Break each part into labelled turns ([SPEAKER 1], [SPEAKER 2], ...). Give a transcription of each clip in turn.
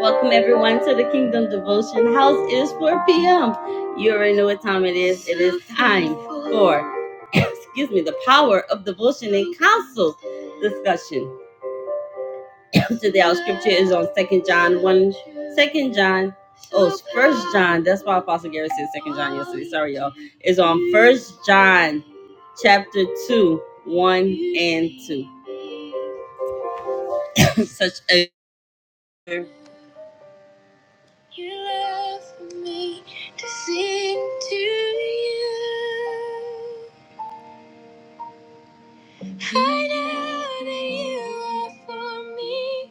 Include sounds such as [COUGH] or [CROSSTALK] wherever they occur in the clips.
[SPEAKER 1] Welcome everyone to the Kingdom Devotion House. It is 4 p.m. You already know what time it is. It is time for, [COUGHS] excuse me, the power of devotion and counsel discussion. [COUGHS] Today our scripture is on Second John 1, 2 John, oh, First John. That's why Apostle Gary said Second John yesterday. Sorry, y'all. It's on First John chapter 2, 1 and 2. [COUGHS] Such a You love for me to sing to you. I know that you love for me.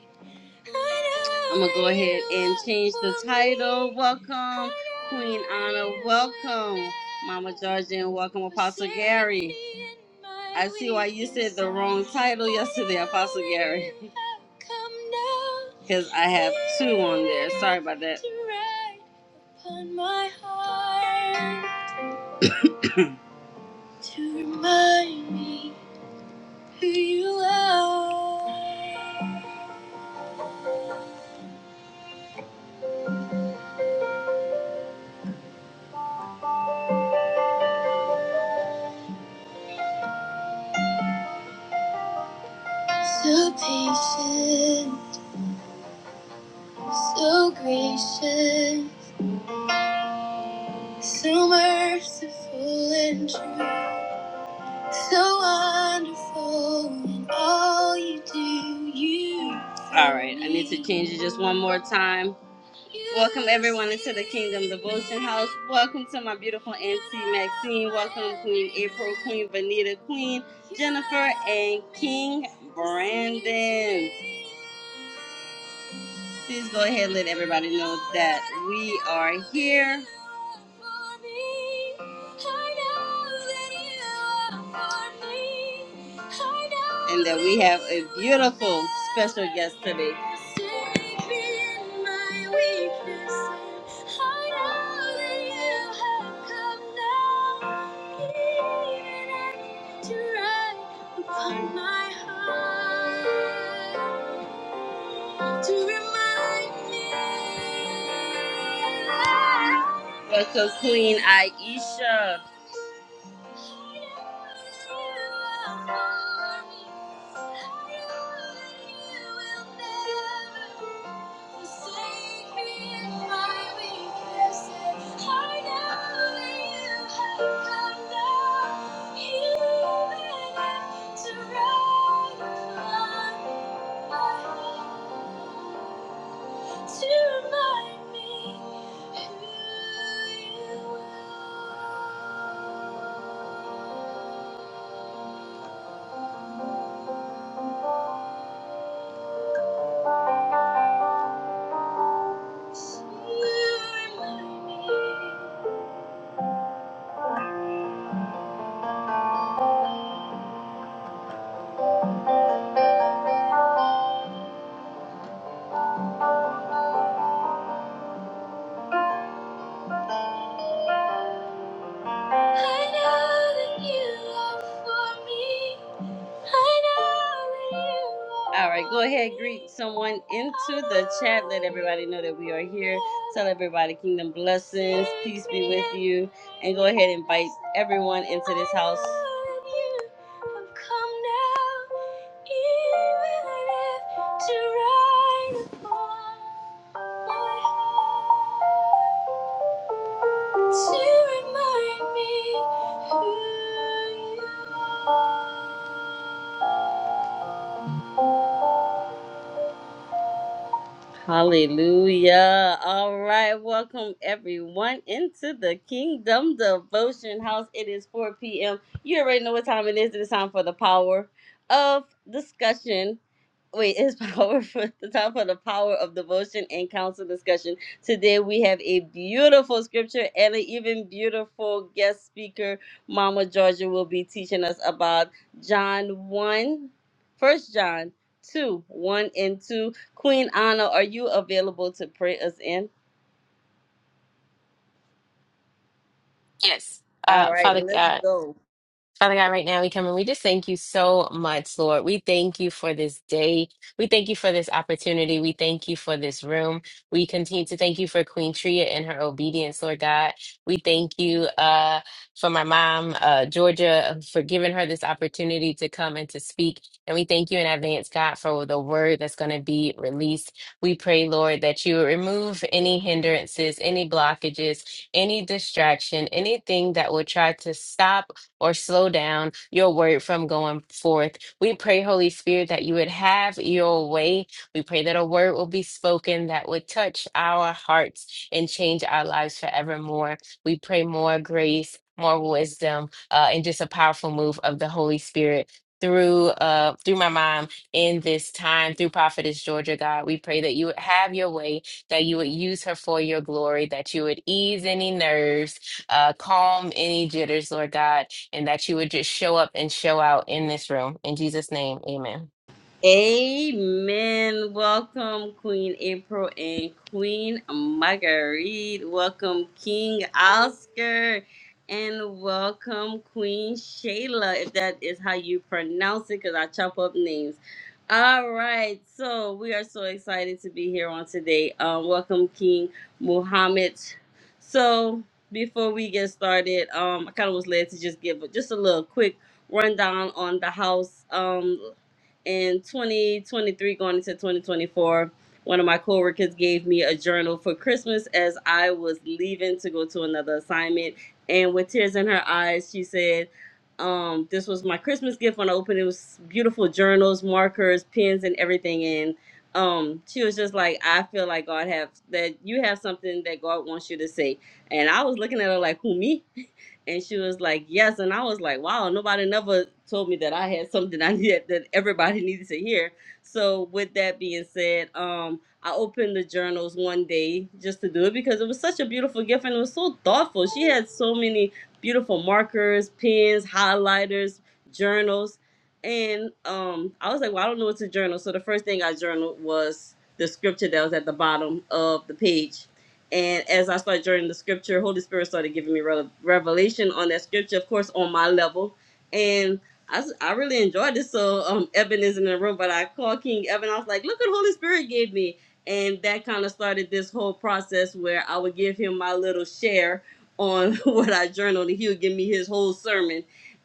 [SPEAKER 1] I'm gonna go ahead and change the title. Welcome, Queen Anna. Welcome, Mama Georgia, and welcome, Apostle Gary. I see why you said the wrong title yesterday, Apostle Gary. [LAUGHS] Because I have two on there. Sorry about that. Upon my heart to remind me who you are. So patient. So gracious, so merciful and true, so wonderful in all you do. You. All right, I need to change it just one more time. Welcome everyone into the Kingdom Devotion House. Welcome to my beautiful Auntie Maxine. Welcome Queen April, Queen Vanita, Queen Jennifer, and King Brandon. Please go ahead and let everybody know that we are here. And that we have a beautiful special guest today to remind me. Welcome, Queen Aisha to remind me who you are. To remind me. I know that you are for me. I know that you are All right, go ahead, greet someone into the chat. Let everybody know that we are here. Tell everybody kingdom blessings, peace be with you, and go ahead and invite everyone into this house. I know that you have come now, even if to rise upon my heart to remind me who you are. Hallelujah. All right. Welcome everyone into the Kingdom Devotion House. It is 4 p.m. You already know what time it is. It is time for the power of discussion. Wait, it's [LAUGHS] power for the time for the power of devotion and council discussion. Today we have a beautiful scripture and an even beautiful guest speaker. Mama Georgia will be teaching us about John one, First John 2, 1 and 2 Queen Anna, are you available to pray us in?
[SPEAKER 2] Yes. Uh,
[SPEAKER 1] All right,
[SPEAKER 2] Father
[SPEAKER 1] let's
[SPEAKER 2] God,
[SPEAKER 1] go.
[SPEAKER 2] Father God, right now we come and we just thank you so much, Lord. We thank you for this day. We thank you for this opportunity. We thank you for this room. We continue to thank you for Queen Tria and her obedience, Lord God. We thank you uh, for my mom, uh, Georgia, for giving her this opportunity to come and to speak. And we thank you in advance, God, for the word that's going to be released. We pray, Lord, that you would remove any hindrances, any blockages, any distraction, anything that would try to stop or slow down your word from going forth. We pray, Holy Spirit, that you would have your way. We pray that a word will be spoken that would touch our hearts and change our lives forevermore. We pray more grace, more wisdom, uh, and just a powerful move of the Holy Spirit through uh through my mom in this time through prophetess georgia god we pray that you would have your way that you would use her for your glory, that you would ease any nerves, uh, calm any jitters, Lord God, and that you would just show up and show out in this room. In Jesus' name, amen.
[SPEAKER 1] Amen. Welcome, Queen April and Queen Marguerite. Welcome, King Oscar. And welcome, Queen Shayla, if that is how you pronounce it, because I chop up names. All right. So we are so excited to be here on today. Um, welcome, King Muhammad. So before we get started, um, I kind of was led to just give just a little quick rundown on the house. Um, in 2023 going into 2024 one of my coworkers gave me a journal for christmas as i was leaving to go to another assignment and with tears in her eyes she said um, this was my christmas gift when i opened it it was beautiful journals markers pens and everything and um, she was just like i feel like god have that you have something that god wants you to say and i was looking at her like who me [LAUGHS] And she was like, "Yes." And I was like, "Wow, nobody never told me that I had something I [LAUGHS] needed that everybody needed to hear." So, with that being said, um, I opened the journals one day just to do it because it was such a beautiful gift and it was so thoughtful. She had so many beautiful markers, pens, highlighters, journals, and um, I was like, "Well, I don't know what to journal." So the first thing I journaled was the scripture that was at the bottom of the page and as I started joining the scripture, Holy Spirit started giving me re- revelation on that scripture, of course, on my level. And I, s- I really enjoyed it. So um, Evan is in the room, but I called King Evan. I was like, look what Holy Spirit gave me. And that kind of started this whole process where I would give him my little share on [LAUGHS] what I journaled, and he would give me his whole sermon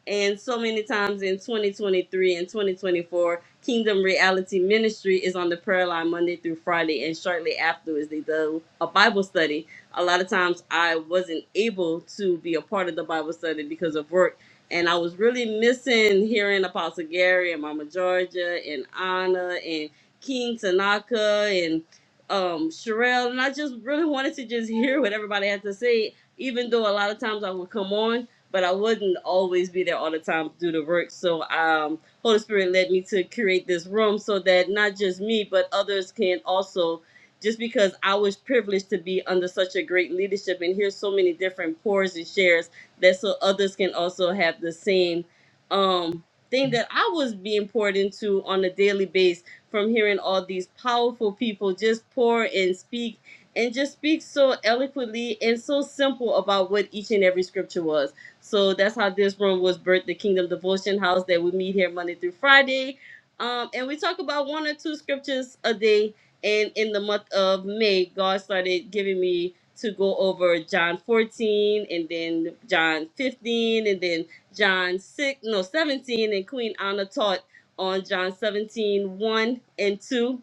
[SPEAKER 1] and so many times in 2023 and 2024 kingdom reality ministry is on the prayer line monday through friday and shortly afterwards they do a bible study a lot of times i wasn't able to be a part of the bible study because of work and i was really missing hearing apostle gary and mama georgia and anna and king tanaka and um Sherelle, and i just really wanted to just hear what everybody had to say even though a lot of times i would come on but I wouldn't always be there all the time to do the work. So um, Holy Spirit led me to create this room so that not just me, but others can also, just because I was privileged to be under such a great leadership and hear so many different pours and shares, that so others can also have the same um, thing that I was being poured into on a daily basis from hearing all these powerful people just pour and speak and just speak so eloquently and so simple about what each and every scripture was. So that's how this room was birthed, the Kingdom Devotion House that we meet here Monday through Friday. Um, and we talk about one or two scriptures a day. And in the month of May, God started giving me to go over John 14 and then John 15 and then John 6, no, 17. And Queen Anna taught on John seventeen one and 2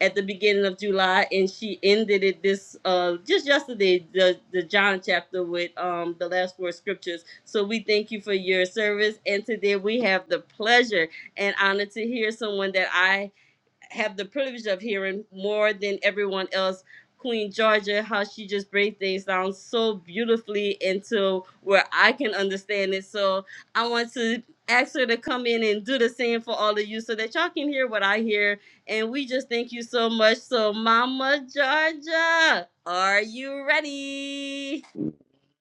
[SPEAKER 1] at the beginning of July, and she ended it this uh just yesterday the the John chapter with um the last four scriptures. So we thank you for your service, and today we have the pleasure and honor to hear someone that I have the privilege of hearing more than everyone else. Queen Georgia, how she just breaks things down so beautifully into where I can understand it. So I want to ask her to come in and do the same for all of you so that y'all can hear what I hear. And we just thank you so much. So, Mama Georgia, are you ready?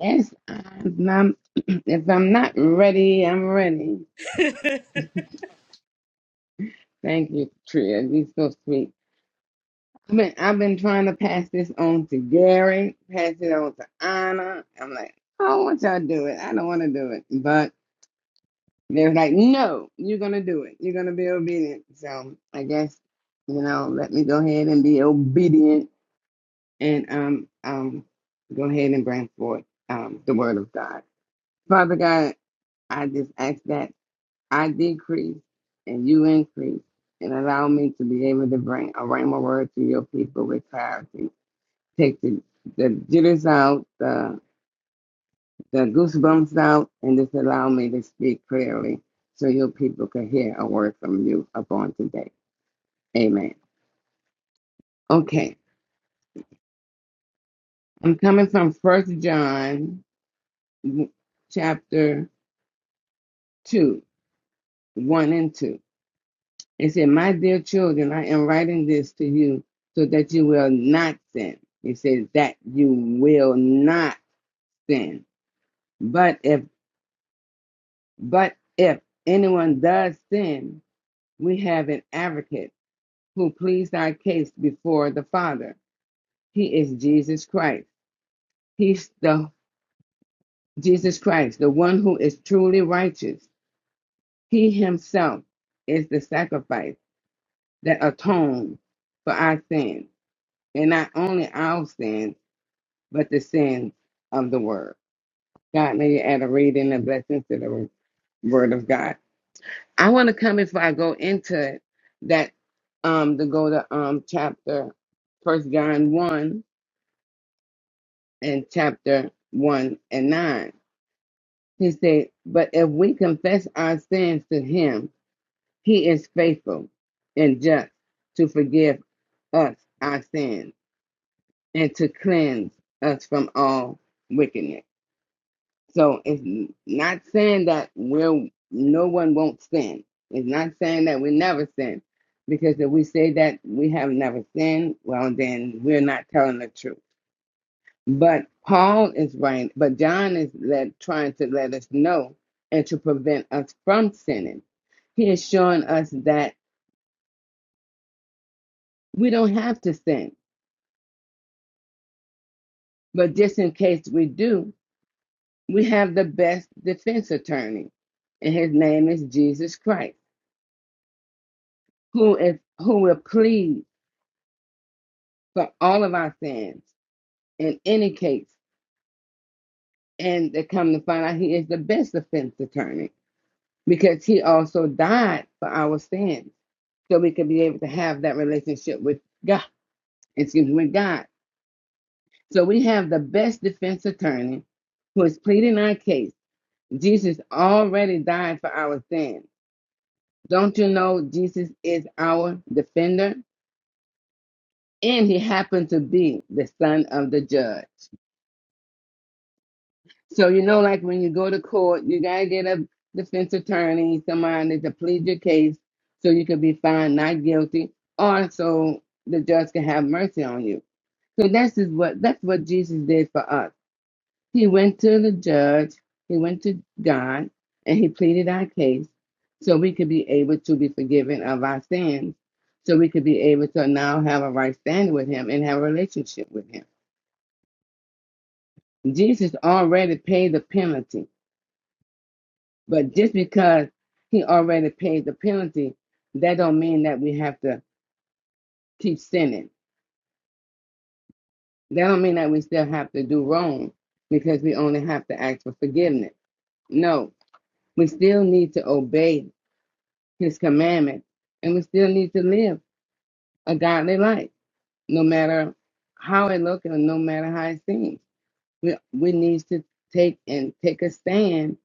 [SPEAKER 3] Yes, I'm, I'm- [CLEARS THROAT] if I'm not ready, I'm ready. Thank you, Tria. You're so sweet. I've been, I've been trying to pass this on to Gary, pass it on to Anna. I'm like, I don't want y'all to do it. I don't want to do it. But they're like, no, you're going to do it. You're going to be obedient. So I guess, you know, let me go ahead and be obedient and um, um, go ahead and bring forth um, the word of God. Father God, I just ask that. I decrease and you increase, and allow me to be able to bring a rhema word to your people with clarity. Take the, the jitters out, the, the goosebumps out, and just allow me to speak clearly so your people can hear a word from you upon today. Amen. Okay, I'm coming from First John chapter 2, 1 and 2. It said, My dear children, I am writing this to you so that you will not sin. It says that you will not sin. But if but if anyone does sin, we have an advocate who pleads our case before the Father. He is Jesus Christ. He's the Jesus Christ, the one who is truly righteous. He himself is the sacrifice that atones for our sins, and not only our sins but the sins of the word. God, may you add a reading and blessing to the word of God. I want to come before I go into it that um to go to um chapter first John one and chapter one and nine. He said, But if we confess our sins to him, he is faithful and just to forgive us our sins and to cleanse us from all wickedness. So it's n- not saying that we're no one won't sin. It's not saying that we never sin, because if we say that we have never sinned, well then we're not telling the truth. But Paul is right, but John is let, trying to let us know and to prevent us from sinning. He is showing us that we don't have to sin, but just in case we do, we have the best defense attorney, and his name is Jesus Christ. who is who will plead for all of our sins in any case, and to come to find out he is the best defense attorney because he also died for our sins, so we can be able to have that relationship with God. Excuse me, with God. So we have the best defense attorney who is pleading our case. Jesus already died for our sins. Don't you know Jesus is our defender? And he happened to be the son of the judge. So you know, like when you go to court, you gotta get a defense attorney, somebody to plead your case, so you can be found not guilty, or so the judge can have mercy on you. So that's is what that's what Jesus did for us. He went to the judge, he went to God, and he pleaded our case, so we could be able to be forgiven of our sins, so we could be able to now have a right standing with Him and have a relationship with Him. Jesus already paid the penalty But just because he already paid the penalty, that don't mean that we have to keep sinning. That don't mean that we still have to do wrong because we only have to ask for forgiveness. No, we still need to obey his commandments and we still need to live a godly life, no matter how it looks and no matter how it seems. We we need to take and take a stand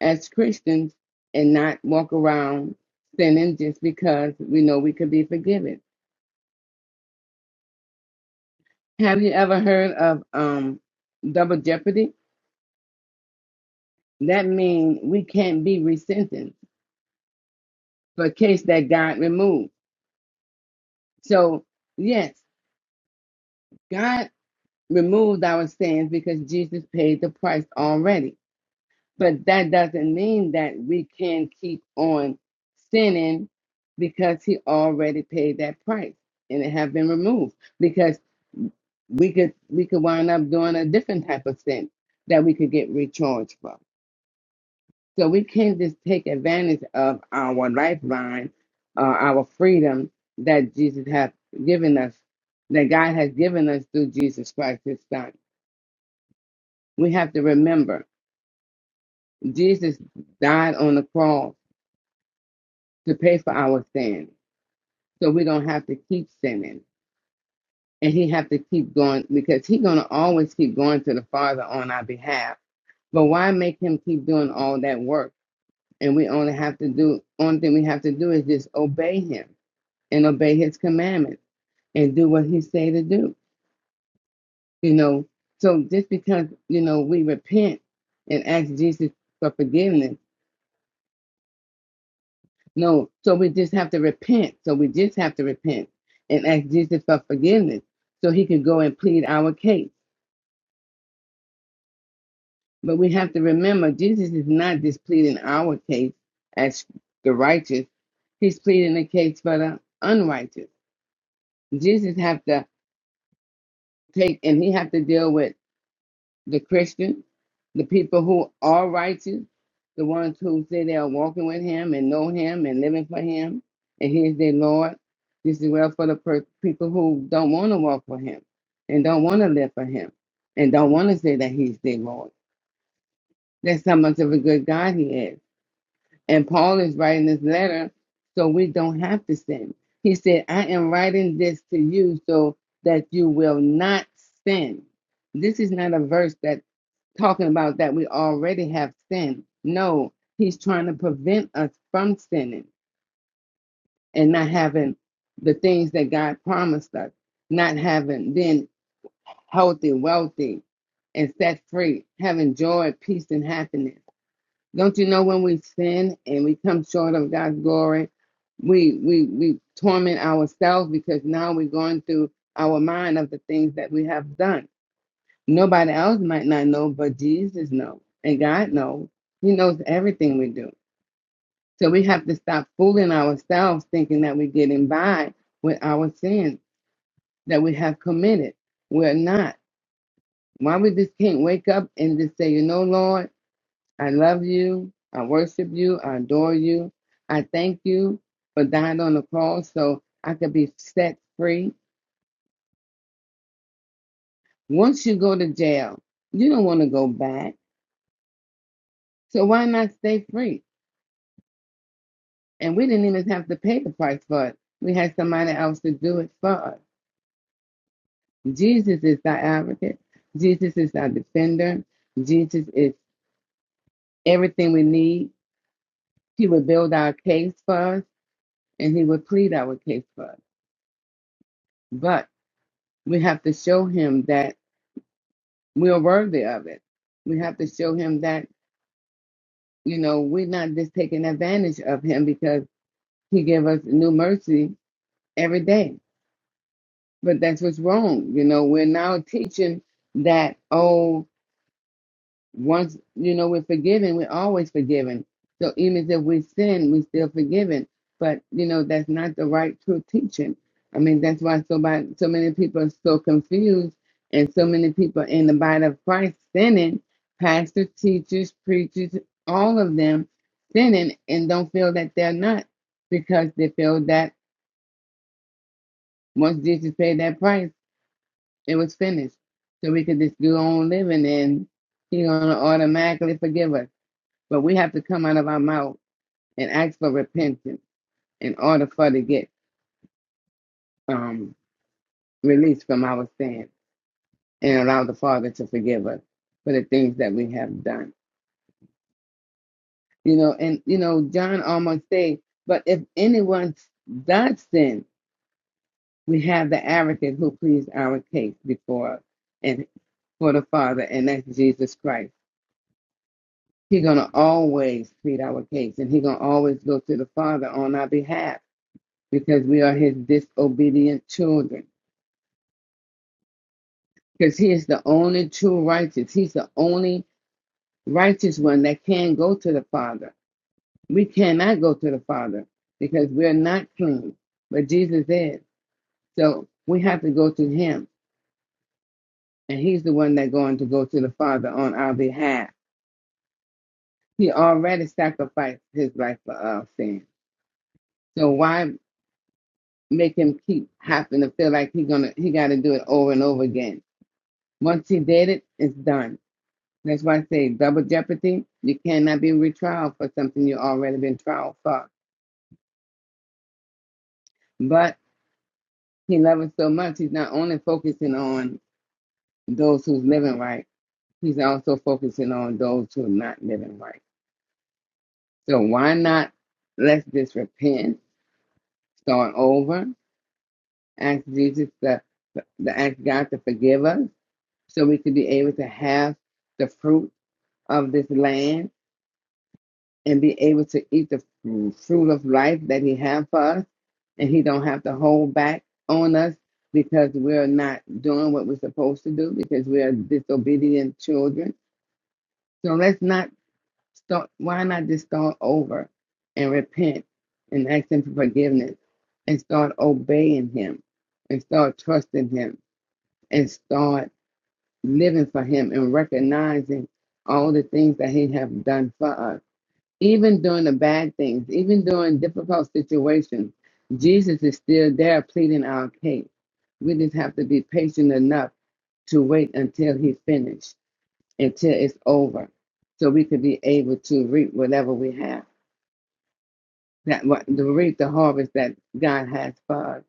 [SPEAKER 3] as Christians and not walk around sinning just because we know we could be forgiven Have you ever heard of um double jeopardy? That means we can't be resentenced for a case that God removed. So yes, God removed our sins because Jesus paid the price already. But that doesn't mean that we can keep on sinning because he already paid that price and it have been removed because we could we could wind up doing a different type of sin that we could get recharged for. So we can't just take advantage of our lifeline, uh, our freedom that Jesus has given us, that God has given us through Jesus Christ, His Son. We have to remember Jesus died on the cross to pay for our sin, so we don't have to keep sinning, and He have to keep going because He's gonna always keep going to the Father on our behalf. But why make Him keep doing all that work? And we only have to do only thing we have to do is just obey Him and obey his commandments and do what he say to do. You know, so just because, you know, we repent and ask Jesus for forgiveness. No, so we just have to repent. So we just have to repent and ask Jesus for forgiveness so he can go and plead our case. But we have to remember Jesus is not just pleading our case as the righteous. He's pleading the case for the unrighteous. Jesus have to take and he have to deal with the Christian, the people who are righteous, the ones who say they are walking with Him and know Him and living for Him, and He is their Lord. This is well for the per- people who don't want to walk for Him and don't want to live for Him and don't want to say that He's their Lord. That's how much of a good God He is. And Paul is writing this letter so we don't have to sin. He said, I am writing this to you so that you will not sin. This is not a verse that talking about that we already have sin. No, he's trying to prevent us from sinning and not having the things that God promised us, not having been healthy, wealthy, and set free, having joy, peace, and happiness. Don't you know when we sin and we come short of God's glory, we we we torment ourselves because now we're going through our mind of the things that we have done Nobody else might not know, but Jesus knows. And God knows. He knows everything we do. So we have to stop fooling ourselves thinking that we're getting by with our sins that we have committed. We're not. Why we just can't wake up and just say, you know, Lord, I love you. I worship you. I adore you. I thank you for dying on the cross so I could be set free. Once you go to jail, you don't want to go back. So why not stay free? And we didn't even have to pay the price for it. We had somebody else to do it for us. Jesus is our advocate. Jesus is our defender. Jesus is everything we need. He will build our case for us and he will plead our case for us. But we have to show him that we are worthy of it. We have to show him that, you know, we're not just taking advantage of him because he gave us new mercy every day. But that's what's wrong. You know, we're now teaching that, oh, once you know we're forgiven, we're always forgiven. So even if we sin, we're still forgiven. But you know that's not the right true teaching. I mean that's why so by, so many people are so confused, and so many people in the body of Christ sinning, pastors, teachers, preachers, all of them sinning, and don't feel that they're not because they feel that once Jesus paid that price, it was finished. So we could just go on living, and He's gonna automatically forgive us. But we have to come out of our mouth and ask for repentance in order for to get um, released from our sin and allow the Father to forgive us for the things that we have done. You know, and you know, John almost said, but if anyone does sin, we have the advocate who pleads our case before us and for the Father, and that's Jesus Christ. He's gonna always plead our case, and he's gonna always go to the Father on our behalf because we are his disobedient children. because he is the only true righteous. He's the only righteous one that can go to the Father. We cannot go to the Father because we're not clean, but Jesus is. So we have to go to him, and he's the one that's going to go to the Father on our behalf. He already sacrificed his life for our sin. So why make him keep having to feel like he gonna he got to do it over and over again? Once he did it, it's done. That's why I say double jeopardy. You cannot be retrial for something you already been trial for. But he loves us so much. He's not only focusing on those who's living right. He's also focusing on those who are not living right. So why not? Let's just repent, start over, ask Jesus to, to ask God to forgive us, so we could be able to have the fruit of this land and be able to eat the fruit of life that he have for us and he don't have to hold back on us because we're not doing what we're supposed to do because we are disobedient children so let's not start why not just start over and repent and ask him for forgiveness and start obeying him and start trusting him and start living for him and recognizing all the things that he have done for us even during the bad things, even during difficult situations, Jesus is still there pleading our case. We just have to be patient enough to wait until He's finished, until it's over, so we could be able to reap whatever we have, that what to reap the harvest that God has for us.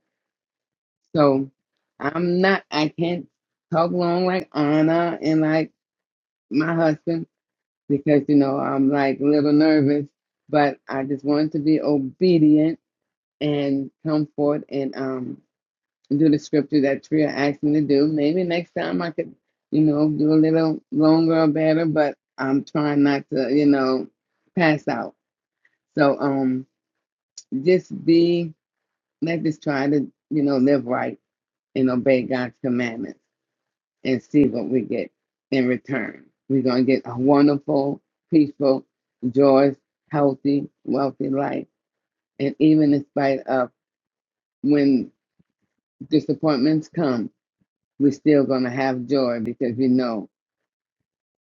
[SPEAKER 3] So I'm not, I can't talk long like Anna and like my husband because you know I'm like a little nervous, but I just wanted to be obedient and come forth and um do the scripture that Tria asked me to do. Maybe next time I could, you know, do a little longer or better, but I'm trying not to, you know, pass out. So um just be let us just try to, you know, live right and obey God's commandments and see what we get in return. We're gonna get a wonderful, peaceful, joyous, healthy, wealthy life. And even in spite of when disappointments come we're still going to have joy because we know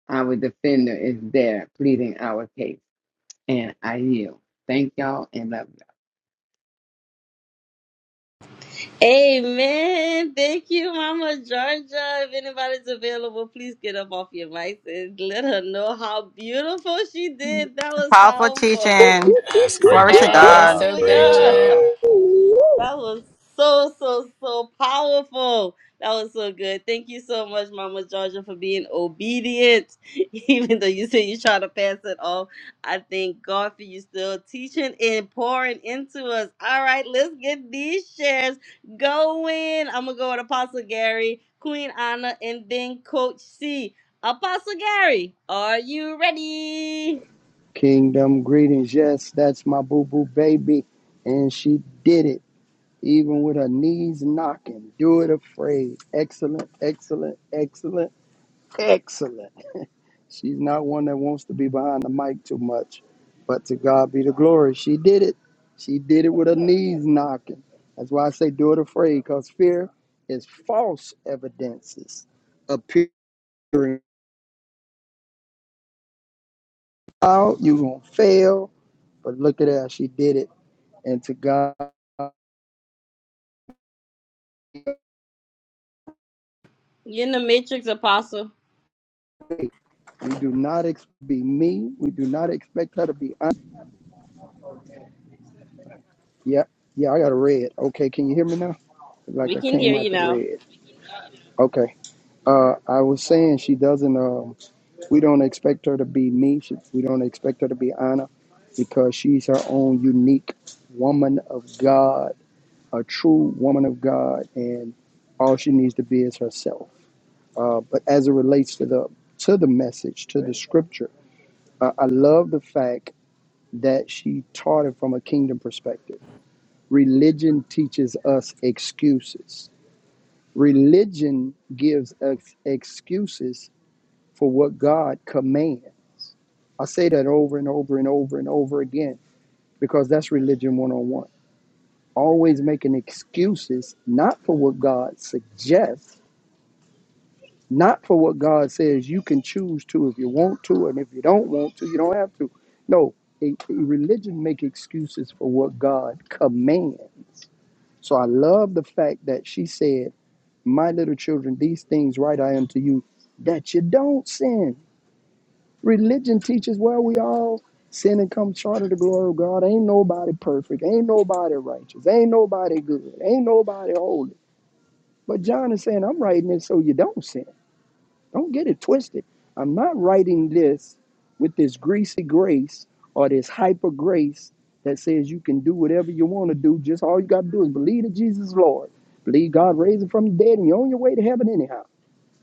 [SPEAKER 3] our defender is there pleading our case. And I yield. Thank y'all and love you.
[SPEAKER 1] Amen. Thank you, Mama Georgia. If anybody's available, please get up off your mics and let her know how beautiful she did. That was
[SPEAKER 4] Powerful
[SPEAKER 1] powerful.
[SPEAKER 4] teaching.
[SPEAKER 5] Yes,
[SPEAKER 1] [LAUGHS]
[SPEAKER 5] great
[SPEAKER 4] Glory to
[SPEAKER 2] Yes,
[SPEAKER 4] God.
[SPEAKER 5] job.
[SPEAKER 2] so
[SPEAKER 5] Great
[SPEAKER 1] Hallelujah.
[SPEAKER 2] good.
[SPEAKER 5] job.
[SPEAKER 1] That was so, so, so powerful. That was so good. Thank you so much, Mama Georgia, for being obedient. [LAUGHS] Even though you say you try to pass it off, I thank God for you still teaching and pouring into us. All right, let's get these shares going. I'm going to go with Apostle Gary, Queen Anna, and then Coach C. Apostle Gary, are you ready?
[SPEAKER 6] Kingdom greetings. Yes, that's my boo boo baby. And she did it, even with her knees knocking. Do it afraid. Excellent, excellent, excellent, excellent. She's not one that wants to be behind the mic too much, but to God be the glory. She did it. She did it with her knees knocking. That's why I say do it afraid, because fear is false evidences appearing. out, you gonna fail. But look at her, she did it. And to God,
[SPEAKER 1] You're in the Matrix, Apostle.
[SPEAKER 6] we do not ex- be me. We do not expect her to be. Un- yeah, yeah, I got a red. Okay, can you hear me now?
[SPEAKER 1] We
[SPEAKER 6] Like I
[SPEAKER 1] can hear
[SPEAKER 6] came out
[SPEAKER 1] you
[SPEAKER 6] the
[SPEAKER 1] now.
[SPEAKER 6] red. Okay. Uh, I was saying she doesn't. Um, we don't expect her to be me. She, we don't expect her to be Anna, because she's her own unique woman of God, a true woman of God, and all she needs to be is herself. Uh, but as it relates to the to the message, to the scripture, uh, I love the fact that she taught it from a kingdom perspective. Religion teaches us excuses. Religion gives us excuses for what God commands. I say that over and over and over and over again because that's religion one on one. Always making excuses, not for what God suggests, not for what God says you can choose to if you want to, and if you don't want to, you don't have to. No, a, a religion make excuses for what God commands. So I love the fact that she said, "My little children, these things write I unto you, that you don't sin." Religion teaches where we all sin and come short of the glory of God. Ain't nobody perfect. Ain't nobody righteous. Ain't nobody good. Ain't nobody holy. But John is saying, "I'm writing it so you don't sin." Don't get it twisted. I'm not writing this with this greasy grace or this hyper grace that says you can do whatever you want to do. Just all you got to do is believe that Jesus is Lord. Believe God raised him from the dead and you're on your way to heaven anyhow.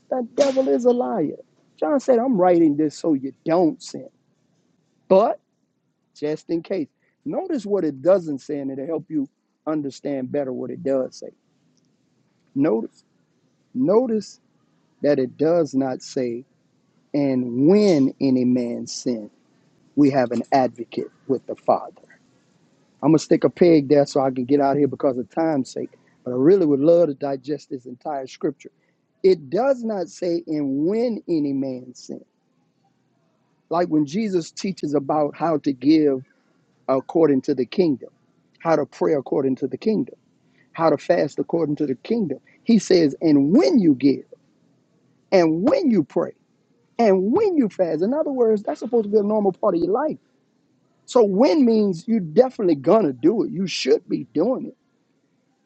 [SPEAKER 6] The devil is a liar. John said, I'm writing this so you don't sin. But just in case, notice what it doesn't say and it'll help you understand better what it does say. Notice, notice that it does not say, and when any man sins. we have an advocate with the Father. I'm gonna stick a peg there so I can get out of here because of time's sake. But I really would love to digest this entire scripture. It does not say in when any man sin. Like when Jesus teaches about how to give according to the kingdom, how to pray according to the kingdom, how to fast according to the kingdom. He says, and when you give, and when you pray, and when you fast. In other words, that's supposed to be a normal part of your life. So when means you definitely gonna do it. You should be doing it.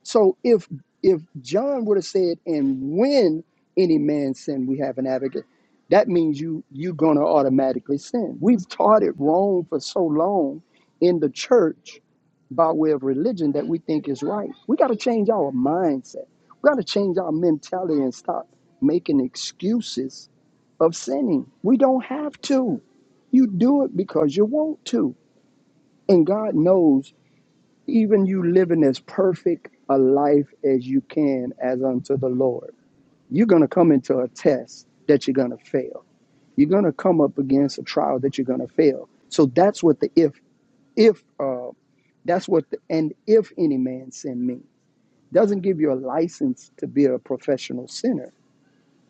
[SPEAKER 6] So if if John would have said, "And when any man sin, we have an advocate," that means you you gonna automatically sin. We've taught it wrong for so long in the church by way of religion that we think is right. We got to change our mindset. We got to change our mentality and stop making excuses of sinning. We don't have to. You do it because you want to. And God knows even you living as perfect a life as you can as unto the Lord, you're going to come into a test that you're going to fail. You're going to come up against a trial that you're going to fail. So that's what the if, if, uh, that's what the, and if any man sin me doesn't give you a license to be a professional sinner.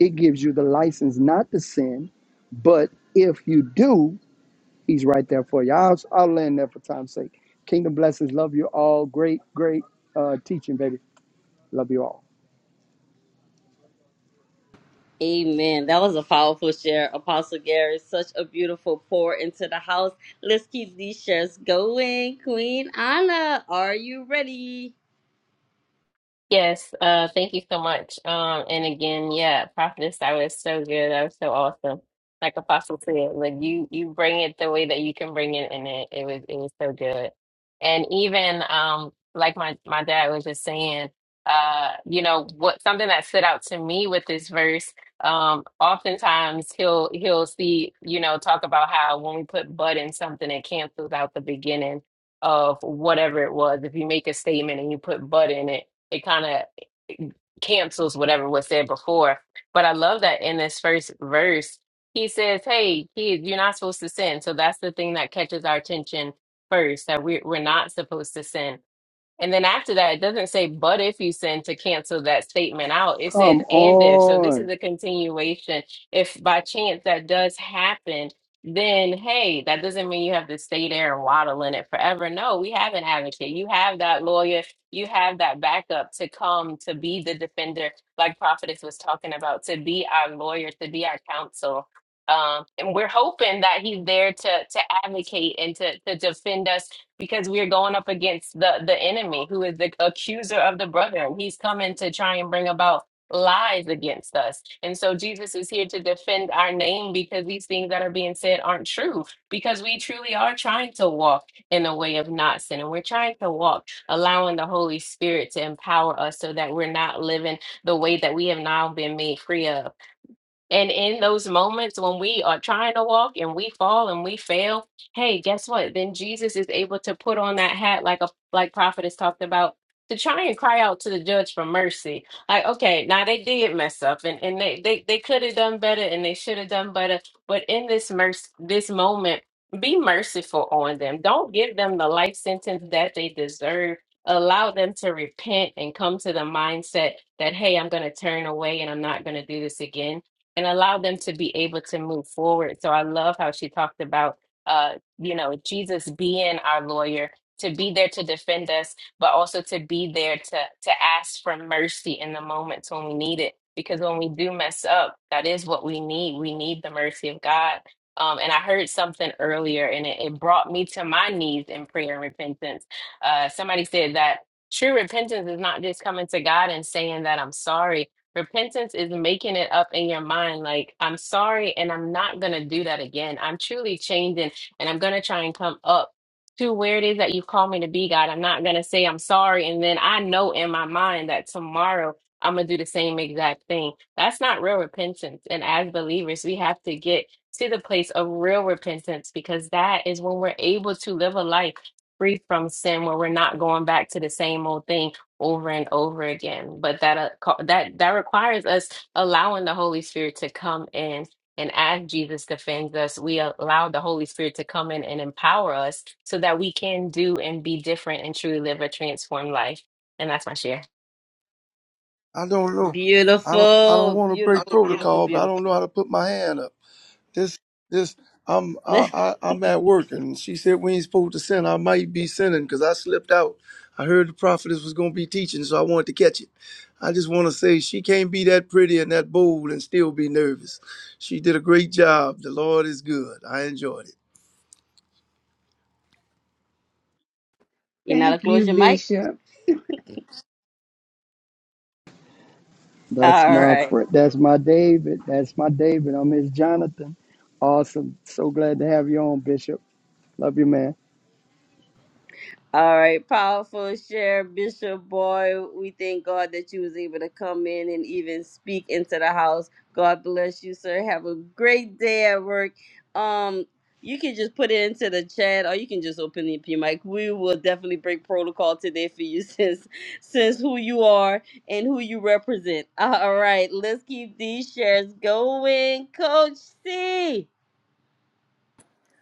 [SPEAKER 6] It gives you the license not to sin, but if you do, He's right there for you. I'll, I'll land there for time's sake. Kingdom blessings. Love you all. Great, great uh, teaching, baby. Love you all.
[SPEAKER 1] Amen. That was a powerful share, Apostle Gary. Such a beautiful pour into the house. Let's keep these shares going. Queen Anna, are you ready?
[SPEAKER 2] Yes, uh, thank you so much. Um, and again, yeah, Prophetess, that was so good. That was so awesome. Like Apostle said, like you you bring it the way that you can bring it, and it it was it was so good. And even um, like my my dad was just saying, uh, you know, what something that stood out to me with this verse. Um, oftentimes he'll he'll see you know talk about how when we put but in something, it cancels out the beginning of whatever it was. If you make a statement and you put but in it it kind of cancels whatever was said before. But I love that in this first verse, he says, Hey, kids, you're not supposed to sin. So that's the thing that catches our attention first, that we, we're not supposed to sin. And then after that, it doesn't say, but if you sin to cancel that statement out. It says,
[SPEAKER 6] Come
[SPEAKER 2] and if. So this is
[SPEAKER 6] on.
[SPEAKER 2] a continuation. If by chance that does happen, then hey, that doesn't mean you have to stay there and waddle in it forever. No, we have an advocate. You have that lawyer, you have that backup to come to be the defender, like Prophetess was talking about, to be our lawyer, to be our counsel. Um, and we're hoping that he's there to to advocate and to to defend us because we are going up against the the enemy who is the accuser of the brother he's coming to try and bring about lies against us and so jesus is here to defend our name because these things that are being said aren't true because we truly are trying to walk in a way of not sin and we're trying to walk allowing the holy spirit to empower us so that we're not living the way that we have now been made free of and in those moments when we are trying to walk and we fall and we fail, hey, guess what? Then Jesus is able to put on that hat like a like prophet has talked about to try and cry out to the judge for mercy. Like, okay, now they did mess up and, and they, they, they could have done better and they should have done better. But in this mercy this moment, be merciful on them. Don't give them the life sentence that they deserve. Allow them to repent and come to the mindset that, hey, I'm going to turn away and I'm not going to do this again and allow them to be able to move forward. So I love how she talked about, uh, you know, Jesus being our lawyer to be there to defend us, but also to be there to to ask for mercy in the moments when we need it. Because when we do mess up, that is what we need. We need the mercy of God. Um, and I heard something earlier, and it, it brought me to my knees in prayer and repentance. Uh, somebody said that true repentance is not just coming to God and saying that I'm sorry Repentance is making it up in your mind, like, I'm sorry and I'm not going to do that again. I'm truly changing and I'm going to try and come up to where it is that you call me to be, God. I'm not going to say I'm sorry. And then I know in my mind that tomorrow I'm going to do the same exact thing. That's not real repentance. And as believers, we have to get to the place of real repentance because that is when we're able to live a life free from sin, where we're not going back to the same old thing over and over again. But that uh, co- that that requires us allowing the Holy Spirit to come in. And as Jesus defends us, we allow the Holy Spirit to come in and empower us so that we can do and be different and truly live a transformed life. And that's my share.
[SPEAKER 7] I don't know. I don't. I don't
[SPEAKER 1] Beautiful,
[SPEAKER 7] want to break
[SPEAKER 1] beautiful, beautiful,
[SPEAKER 7] protocol, but I
[SPEAKER 1] beautiful.
[SPEAKER 7] don't know how to put my hand up. This. This. I'm. I.
[SPEAKER 1] [LAUGHS]
[SPEAKER 7] I I'm at work, and she said we ain't supposed to sin. I might be sinning because I slipped out. I heard the prophetess was going to be teaching, so I wanted to catch it. I just want to say she can't be that pretty and that bold and still be nervous. She did a great job. The Lord is good. I enjoyed it.
[SPEAKER 1] you know how to
[SPEAKER 3] Thank you,
[SPEAKER 1] close your mic?
[SPEAKER 3] Bishop.
[SPEAKER 6] That's
[SPEAKER 1] All
[SPEAKER 6] my
[SPEAKER 1] right.
[SPEAKER 6] friend. That's my David. That's my David. I'm his Jonathan. Awesome. So glad to have you on, Bishop. Love you, man.
[SPEAKER 1] All right, powerful share, Bishop Boy. We thank God that you was able to come in and even speak into the house. God bless you, sir. Have a great day at work. Um, you can just put it into the chat, or you can just open up your mic. We will definitely break protocol today for you, [LAUGHS] since since who you are and who you represent. All right, let's keep these shares going, Coach C.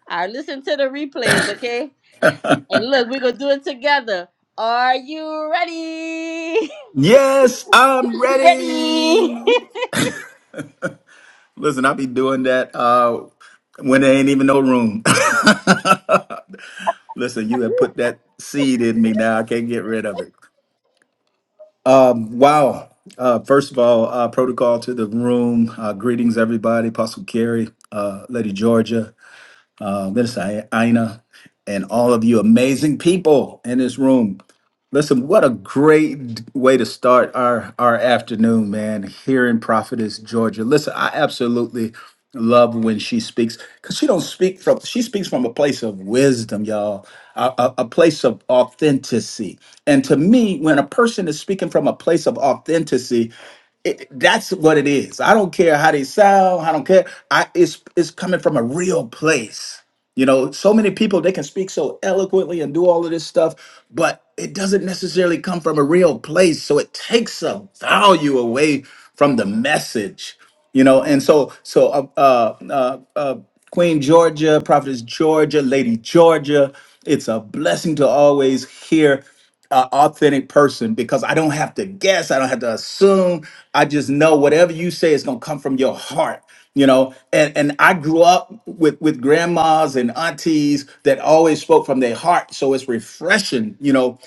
[SPEAKER 1] I listen to the replays, okay? And look, we're gonna do it together. Are you ready?
[SPEAKER 8] Yes, I'm
[SPEAKER 1] [LAUGHS] ready.
[SPEAKER 8] ready. Listen, I'll be doing that uh, when there ain't even no room. [LAUGHS] Listen, you have put that seed in me now. I can't get rid of it. Um, wow. Uh, first of all, uh, protocol to the room. Uh, greetings, everybody. Apostle Carey, uh, Lady Georgia. uh, Minister Ina, and all of you amazing people in this room. Listen, what a great way to start our, our afternoon, man, here in Prophetess, Georgia. Listen, I absolutely love when she speaks because she don't speak from she speaks from a place of wisdom y'all a, a, a place of authenticity and to me when a person is speaking from a place of authenticity it, that's what it is i don't care how they sound i don't care i it's it's coming from a real place you know, so many people they can speak so eloquently and do all of this stuff, but it doesn't necessarily come from a real place. So it takes some value away from the message. You know, and so so uh, uh, uh, uh, Queen Georgia, Prophetess Georgia, Lady Georgia. It's a blessing to always hear an authentic person because I don't have to guess. I don't have to assume. I just know whatever you say is going to come from your heart, you know? And, and I grew up with, with grandmas and aunties that always spoke from their heart. So it's refreshing, you know,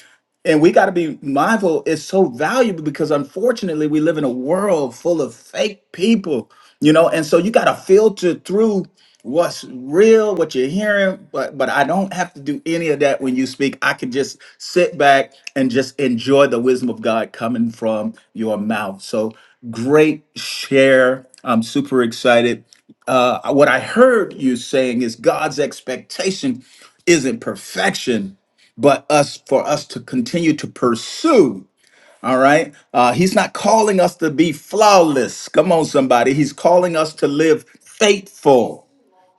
[SPEAKER 8] and we got to be mindful it's so valuable because unfortunately we live in a world full of fake people you know and so you got to filter through what's real what you're hearing but but i don't have to do any of that when you speak i can just sit back and just enjoy the wisdom of god coming from your mouth so great share i'm super excited uh what i heard you saying is god's expectation isn't perfection but us for us to continue to pursue all right uh, he's not calling us to be flawless come on somebody he's calling us to live faithful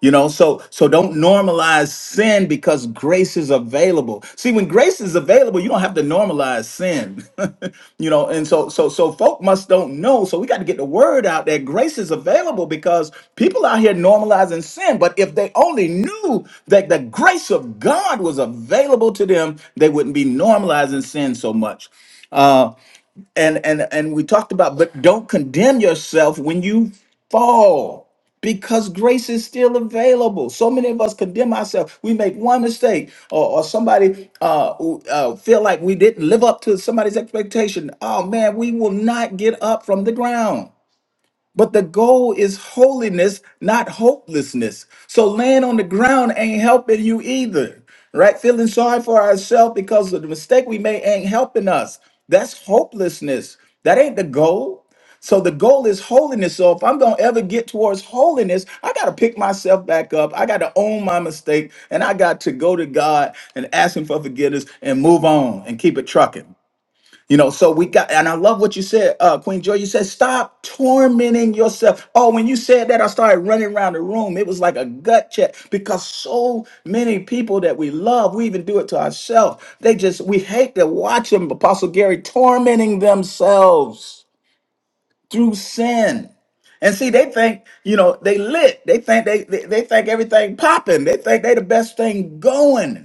[SPEAKER 8] you know, so so don't normalize sin because grace is available. See, when grace is available, you don't have to normalize sin. [LAUGHS] you know, and so so so folk must don't know. So we got to get the word out that grace is available because people out here normalizing sin. But if they only knew that the grace of God was available to them, they wouldn't be normalizing sin so much and and and we talked about but don't condemn yourself when you fall because grace is still available so many of us condemn ourselves we make one mistake or, or somebody uh, who, uh feel like we didn't live up to somebody's expectation oh man we will not get up from the ground but the goal is holiness, not hopelessness. So laying on the ground ain't helping you either, right? Feeling sorry for ourselves because of the mistake we made ain't helping us. That's hopelessness. That ain't the goal. So the goal is holiness. So if I'm gonna ever get towards holiness, I gotta pick myself back up. I gotta own my mistake, and I got to go to God and ask Him for forgiveness and move on and keep it trucking. You know, so we got, and I love what you said, uh, Queen Joy. You said, stop tormenting yourself. Oh, when you said that, I started running around the room. It was like a gut check because so many people that we love, we even do it to ourselves. They just, we hate to watch them, Apostle Gary, tormenting themselves through sin. And see, they think, you know, they lit. They think they, they, they think everything popping. They think they the best thing going.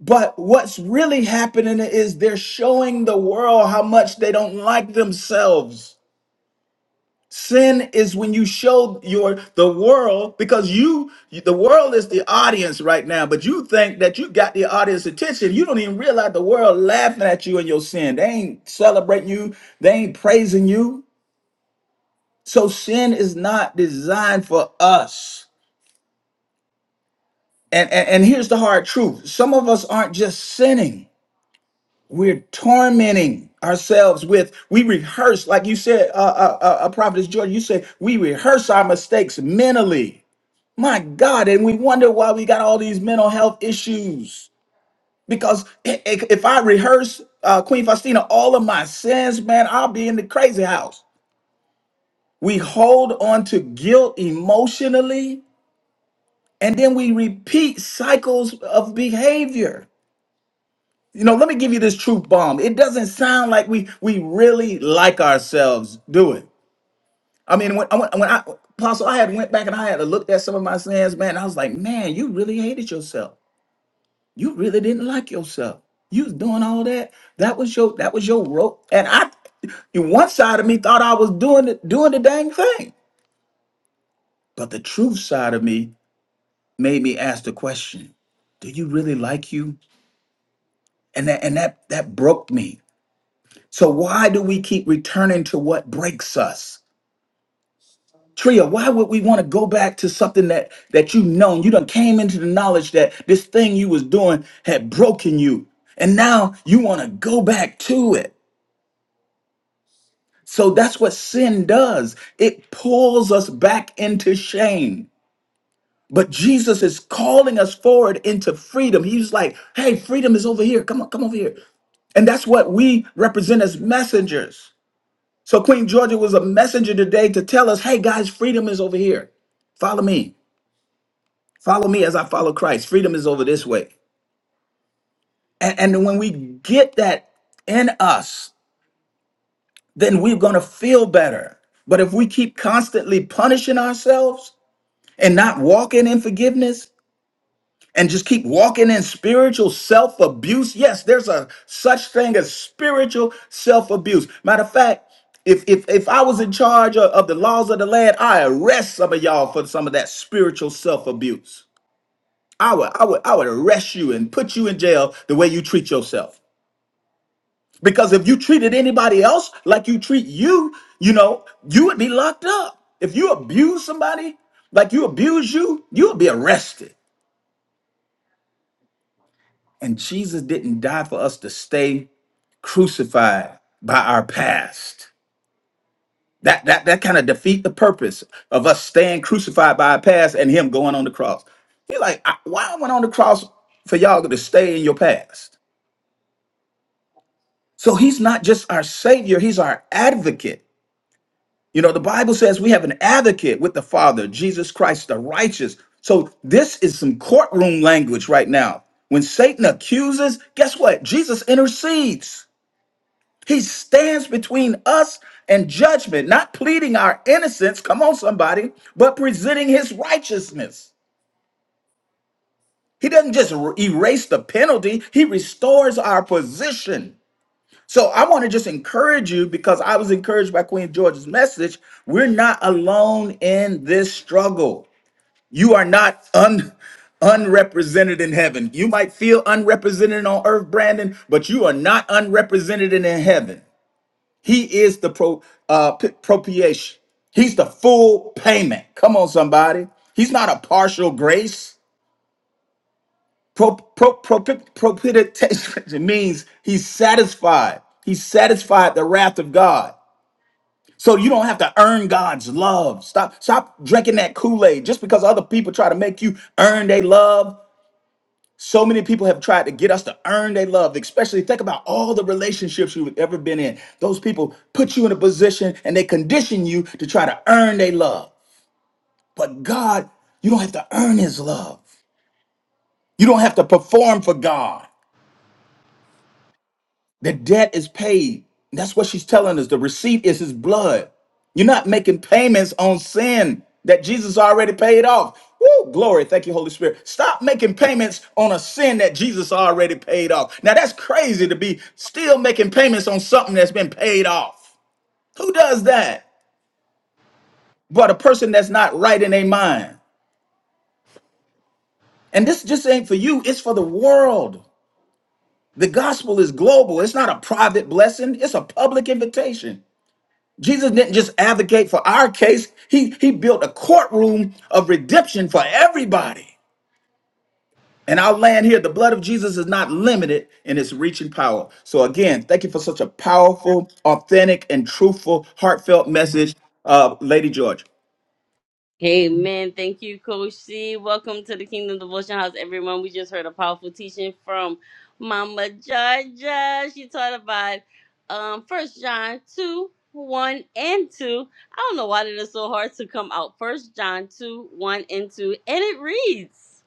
[SPEAKER 8] But what's really happening is they're showing the world how much they don't like themselves. Sin is when you show your the world because you the world is the audience right now, but you think that you got the audience attention. You don't even realize the world laughing at you and your sin. They ain't celebrating you, they ain't praising you. So sin is not designed for us. And, and and here's the hard truth. Some of us aren't just sinning. We're tormenting ourselves with, we rehearse, like you said, uh, uh, uh, uh, Prophetess George, you said, we rehearse our mistakes mentally. My God, and we wonder why we got all these mental health issues. Because i- i- if I rehearse, uh, Queen Faustina, all of my sins, man, I'll be in the crazy house. We hold on to guilt emotionally, and then we repeat cycles of behavior. You know, let me give you this truth bomb. It doesn't sound like we we really like ourselves, do it. I mean, when I went- when I Apostle, I had went back and I had looked at some of my sins, man. I was like, man, you really hated yourself. You really didn't like yourself. You was doing all that. That was your that was your rope. And I, one side of me thought I was doing the, doing the dang thing, but the truth side of me made me ask the question: Do you really like you? And that and that that broke me So why do we keep returning to what breaks us? Tria, why would we want to go back to something that that you known? You done came into the knowledge that this thing you was doing had broken you. And now you want to go back to it. So that's what sin does. It pulls us back into shame. But Jesus is calling us forward into freedom. He's like, hey, freedom is over here. Come on, come over here. And that's what we represent as messengers. So Queen Georgia was a messenger today to tell us, hey guys, freedom is over here. Follow me. Follow me as I follow Christ. Freedom is over this way. And, and when we get that in us, then we're going to feel better. But if we keep constantly punishing ourselves and not walking in forgiveness, and just keep walking in spiritual self abuse. Yes, there's a such thing as spiritual self abuse. Matter of fact, if, if if I was in charge of, of the laws of the land, I arrest some of y'all for some of that spiritual self abuse. I would I would I would arrest you and put you in jail the way you treat yourself. Because if you treated anybody else like you treat you, you know, you would be locked up. If you abuse somebody like you abuse you, you would be arrested. And Jesus didn't die for us to stay crucified by our past. That that that kind of defeat the purpose of us staying crucified by our past and him going on the cross. You're like, I, why I went on the cross for y'all to stay in your past? So he's not just our savior, he's our advocate. You know, the Bible says we have an advocate with the Father, Jesus Christ the righteous. So this is some courtroom language right now. When Satan accuses, guess what? Jesus intercedes. He stands between us and judgment, not pleading our innocence, come on, somebody, but presenting his righteousness. He doesn't just er- erase the penalty, he restores our position. So I want to just encourage you because I was encouraged by Queen George's message. We're not alone in this struggle. You are not un unrepresented in heaven. You might feel unrepresented on earth, Brandon, but you are not unrepresented in heaven. He is the pro, uh, p- propitiation. He's the full payment. Come on, somebody. He's not a partial grace. Pro, pro, propi- propitiation [LAUGHS] means he's satisfied. He satisfied the wrath of God. So you don't have to earn God's love. Stop, stop drinking that Kool-Aid just because other people try to make you earn their love. So many people have tried to get us to earn their love, especially think about all the relationships you've ever been in. Those people put you in a position and they condition you to try to earn their love. But God, you don't have to earn his love. You don't have to perform for God. The debt is paid. That's what she's telling us. The receipt is his blood. You're not making payments on sin that Jesus already paid off. Woo, glory. Thank you, Holy Spirit. Stop making payments on a sin that Jesus already paid off. Now, that's crazy to be still making payments on something that's been paid off. Who does that? But a person that's not right in their mind. And this just ain't for you, it's for the world. The gospel is global, it's not a private blessing, it's a public invitation. Jesus didn't just advocate for our case. He he built a courtroom of redemption for everybody. And I'll land here, the blood of Jesus is not limited in its reach and power. So again, thank you for such a powerful, authentic, and truthful, heartfelt message, uh, Lady George.
[SPEAKER 1] Amen. Thank you, Coach C. Welcome to the Kingdom Devotion House, everyone. We just heard a powerful teaching from Mama Georgia. She taught about um first John 2, 1 and 2. I don't know why it is so hard to come out. First John 2, 1 and 2. And it reads.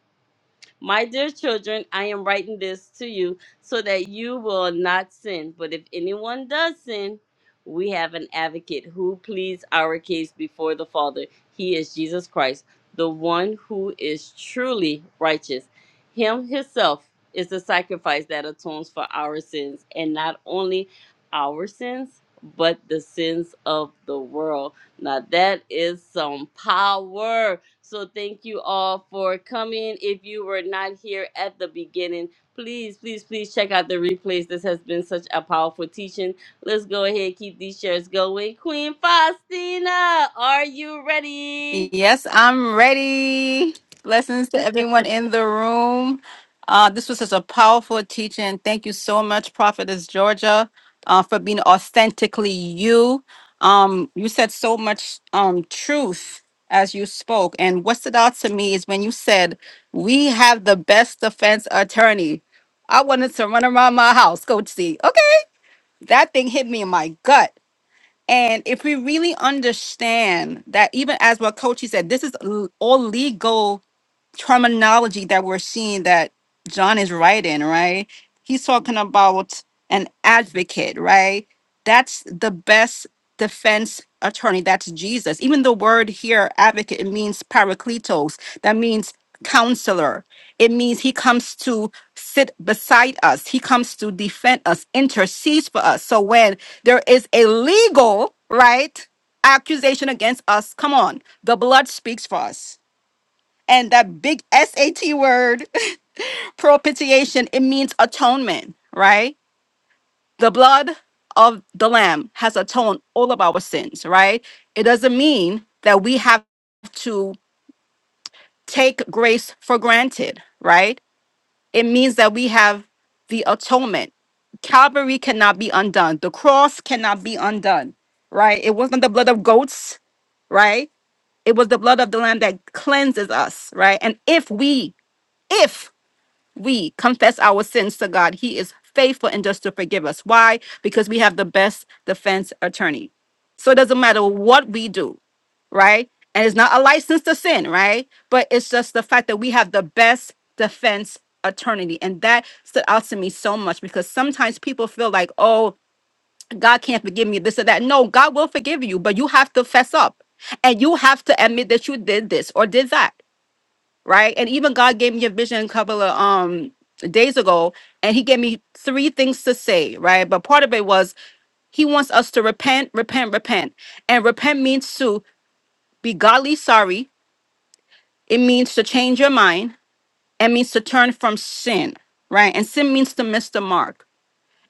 [SPEAKER 1] My dear children, I am writing this to you so that you will not sin. But if anyone does sin, we have an advocate who pleads our case before the Father. He is Jesus Christ, the one who is truly righteous. Him himself is the sacrifice that atones for our sins, and not only our sins, but the sins of the world. Now that is some power. So thank you all for coming. If you were not here at the beginning, please, please, please check out the replays. This has been such a powerful teaching. Let's go ahead keep these shares going. Queen Faustina, are you ready?
[SPEAKER 4] Yes, I'm ready. Blessings to everyone in the room. Uh, this was such a powerful teaching. Thank you so much, Prophetess Georgia, uh, for being authentically you. Um, you said so much um, truth as you spoke. And what stood out to me is when you said, We have the best defense attorney. I wanted to run around my house, go see. Okay. That thing hit me in my gut. And if we really understand that, even as what Coachy said, this is l- all legal terminology that we're seeing that John is writing, right? He's talking about an advocate, right? That's the best defense attorney. That's Jesus. Even the word here, advocate, it means parakletos. That means counselor. It means he comes to sit beside us, he comes to defend us, intercedes for us. So when there is a legal, right? Accusation against us, come on, the blood speaks for us and that big SAT word, [LAUGHS] propitiation, it means atonement, right? The blood of the Lamb has atoned all of our sins, right? It doesn't mean that we have to take grace for granted, right? It means that we have the atonement. Calvary cannot be undone, the cross cannot be undone, right? It wasn't the blood of goats, right? It was the blood of the Lamb that cleanses us, right? And if we, if we confess our sins to God, He is faithful and just to forgive us. Why? Because we have the best defense attorney. So it doesn't matter what we do, right? And it's not a license to sin, right? But it's just the fact that we have the best defense attorney. And that stood out to me so much because sometimes people feel like, oh, God can't forgive me, this or that. No, God will forgive you, but you have to fess up and you have to admit that you did this or did that right? And even God gave me a vision a couple of um days ago, and He gave me three things to say, right? But part of it was He wants us to repent, repent, repent, and repent means to be godly sorry. It means to change your mind. It means to turn from sin, right? And sin means to miss the mark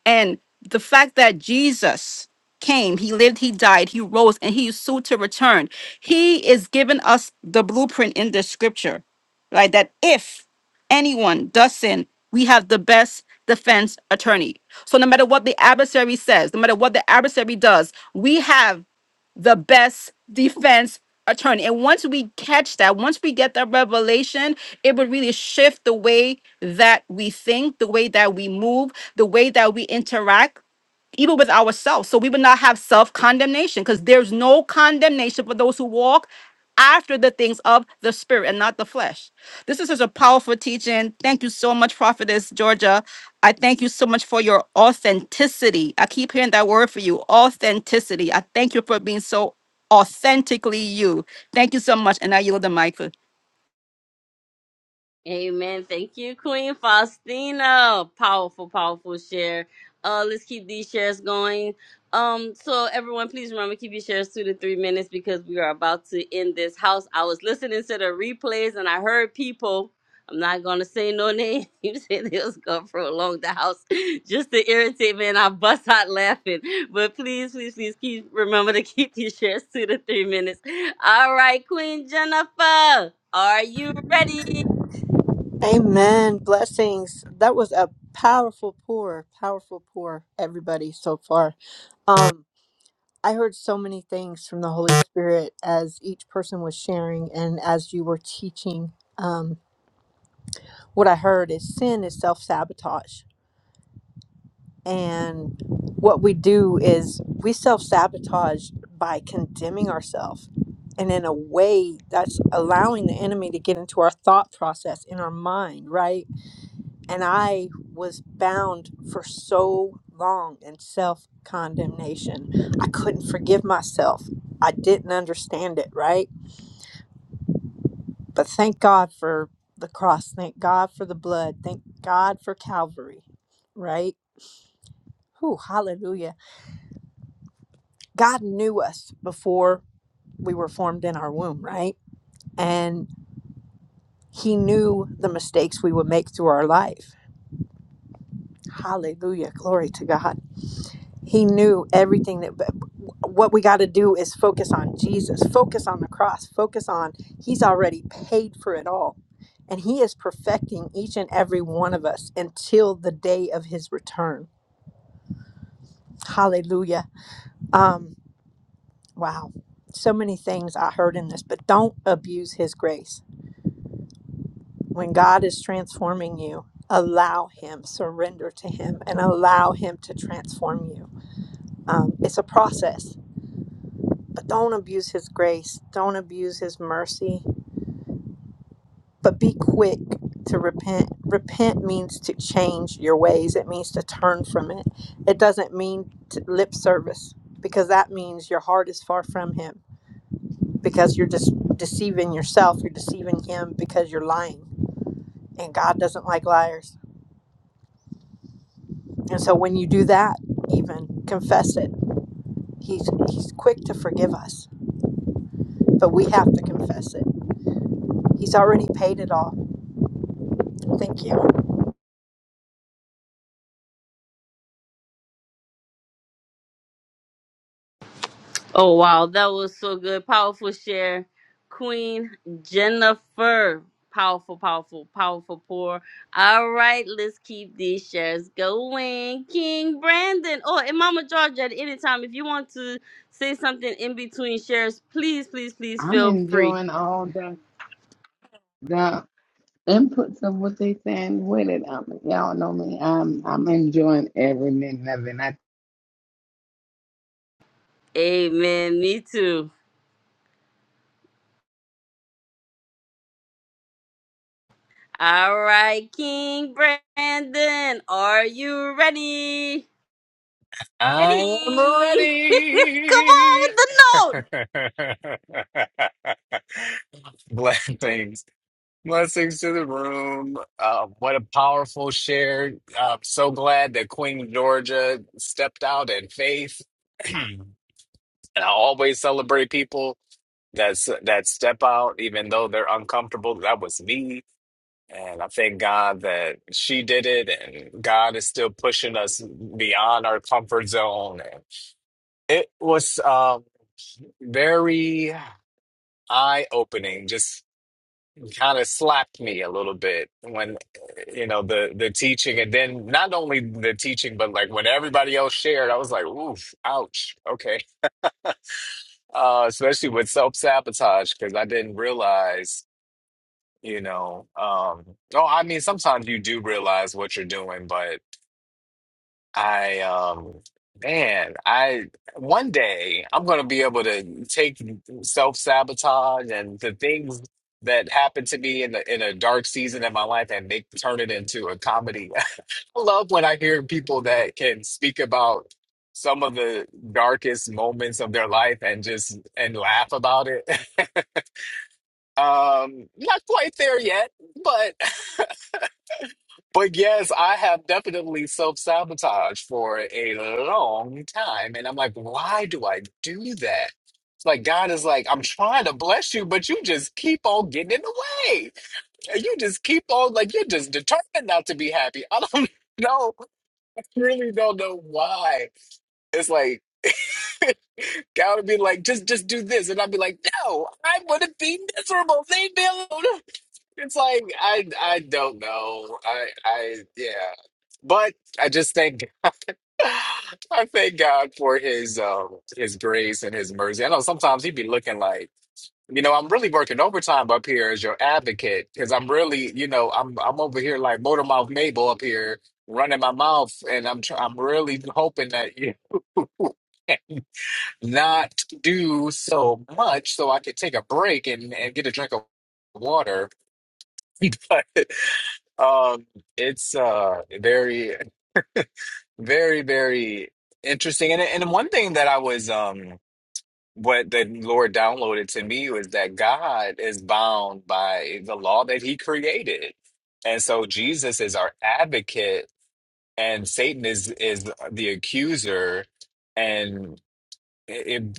[SPEAKER 4] and the fact that Jesus came, he lived, he died, he rose, and he is soon to return. He is giving us the blueprint in the scripture, right? That if anyone does sin, we have the best defense attorney. So no matter what the adversary says, no matter what the adversary does, we have the best defense attorney. And once we catch that, once we get that revelation, it would really shift the way that we think, the way that we move, the way that we interact even with ourselves. So we would not have self condemnation because there's no condemnation for those who walk after the things of the spirit and not the flesh. This is such a powerful teaching. Thank you so much, Prophetess Georgia. I thank you so much for your authenticity. I keep hearing that word for you authenticity. I thank you for being so authentically you. Thank you so much. And I yield the mic for.
[SPEAKER 1] Amen. Thank you, Queen Faustina. Powerful, powerful share. Uh, let's keep these shares going. Um, so everyone, please remember keep your shares two to three minutes because we are about to end this house. I was listening to the replays and I heard people. I'm not gonna say no names. [LAUGHS] said they was gonna prolong the house [LAUGHS] just to irritate me, and I bust out laughing. But please, please, please keep remember to keep your shares two to three minutes. All right, Queen Jennifer, are you ready?
[SPEAKER 9] Amen. Blessings. That was a powerful pour, powerful pour, everybody so far. Um, I heard so many things from the Holy Spirit as each person was sharing and as you were teaching. Um, what I heard is sin is self sabotage. And what we do is we self sabotage by condemning ourselves. And in a way, that's allowing the enemy to get into our thought process in our mind, right? And I was bound for so long in self condemnation. I couldn't forgive myself. I didn't understand it, right? But thank God for the cross. Thank God for the blood. Thank God for Calvary, right? Whew, hallelujah. God knew us before we were formed in our womb, right? And He knew the mistakes we would make through our life. Hallelujah. Glory to God. He knew everything that but what we got to do is focus on Jesus, focus on the cross, focus on he's already paid for it all. And he is perfecting each and every one of us until the day of his return. Hallelujah. Um wow. So many things I heard in this, but don't abuse his grace. When God is transforming you, allow him, surrender to him and allow him to transform you. Um, it's a process But don't abuse his grace. Don't abuse his mercy. But be quick to repent. Repent means to change your ways, it means to turn from it. It doesn't mean to lip service because that means your heart is far from him because you're just deceiving yourself. You're deceiving him because you're lying. And God doesn't like liars. And so when you do that, even confess it. He's, he's quick to forgive us, but we have to confess it. He's already paid it all. Thank you.
[SPEAKER 1] Oh wow, that was so good. Powerful share. Queen Jennifer. Powerful, powerful, powerful pour. All right, let's keep these shares going. King Brandon. Oh, and Mama Georgia, at any time, if you want to say something in between shares, please, please, please
[SPEAKER 3] I'm
[SPEAKER 1] feel free.
[SPEAKER 3] enjoying all the the inputs of what they saying with it. Um, y'all know me. I'm I'm enjoying every minute of it. And I
[SPEAKER 1] Amen. Me too. All right, King Brandon, are you ready? Ready?
[SPEAKER 5] I am
[SPEAKER 1] [LAUGHS] Come on
[SPEAKER 5] ready.
[SPEAKER 1] with the note.
[SPEAKER 5] [LAUGHS] Blessings. Blessings to the room. Uh, what a powerful share. I'm so glad that Queen Georgia stepped out in faith. [CLEARS THROAT] and I always celebrate people that's that step out, even though they're uncomfortable. That was me And I thank God that she did it, and God is still pushing us beyond our comfort zone. And it was um, very eye-opening, just kind of slapped me a little bit when, you know, the the teaching, and then not only the teaching, but like when everybody else shared, I was like, "Oof, ouch, okay." Uh, especially with self-sabotage, because I didn't realize, you know, um, oh, I mean, sometimes you do realize what you're doing, but I um man, I one day I'm gonna be able to take self-sabotage and the things that happened to me in the in a dark season in my life and make turn it into a comedy. [LAUGHS] I love when I hear people that can speak about some of the darkest moments of their life and just and laugh about it. [LAUGHS] Um, not quite there yet, but. [LAUGHS] But yes, I have definitely self-sabotaged for a long time. And I'm like, why do I do that? It's like God is like, I'm trying to bless you, but you just keep on getting in the way. And you just keep on like you're just determined not to be happy. I don't [LAUGHS] know. I really don't know why. It's like God would be like, just just do this. And I'd be like, no, I want to be miserable. Leave me alone. It's like I I don't know. I I yeah. But I just think [SIGHS] [LAUGHS] I thank God for his um his grace and his mercy. I know sometimes he'd be looking like, you know, I'm really working overtime up here as your advocate because I'm really, you know, I'm I'm over here like motor mouth Mabel up here running my mouth and I'm tr I'm really hoping that you not do so much so I could take a break and and get a drink of water. [LAUGHS] But Um, it's uh very, very, very interesting. And and one thing that I was um what the Lord downloaded to me was that God is bound by the law that he created. And so Jesus is our advocate and Satan is is the accuser and it,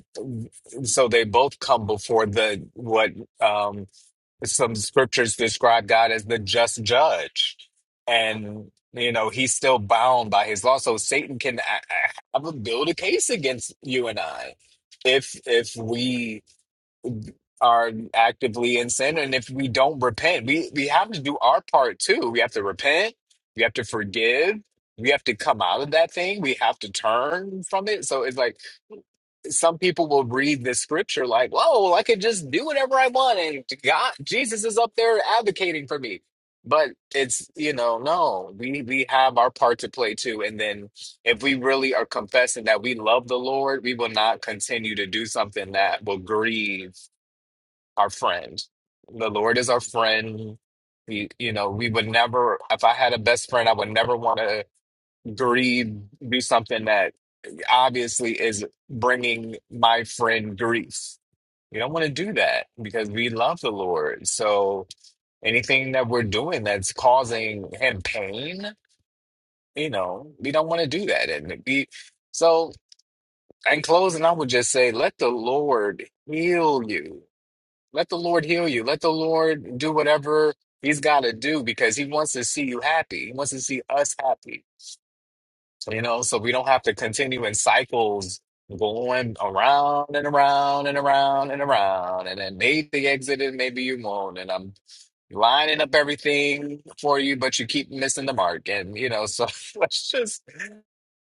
[SPEAKER 5] so they both come before the what um some scriptures describe God as the just judge, and you know he's still bound by his law. So Satan can a- a- have a build a case against you and I if if we are actively in sin and if we don't repent. We we have to do our part too. We have to repent. We have to forgive. We have to come out of that thing. We have to turn from it. So it's like some people will read this scripture like, "Whoa, well, I could just do whatever I want, and God, Jesus is up there advocating for me." But it's you know, no, we we have our part to play too, and then if we really are confessing that we love the Lord, we will not continue to do something that will grieve our friend. The Lord is our friend. We, you know, we would never. If I had a best friend, I would never want to grieve, do something that obviously is bringing my friend grief. We don't want to do that because we love the Lord. So anything that we're doing that's causing him pain, you know, we don't want to do that. And we, so in closing, I would just say, let the Lord heal you. Let the Lord heal you. Let the Lord do whatever he's got to do because he wants to see you happy. He wants to see us happy. You know, so we don't have to continue in cycles going around and around and around and around. And then maybe they exited, maybe you won't. And I'm lining up everything for you, but you keep missing the mark. And, you know, so [LAUGHS] let's just,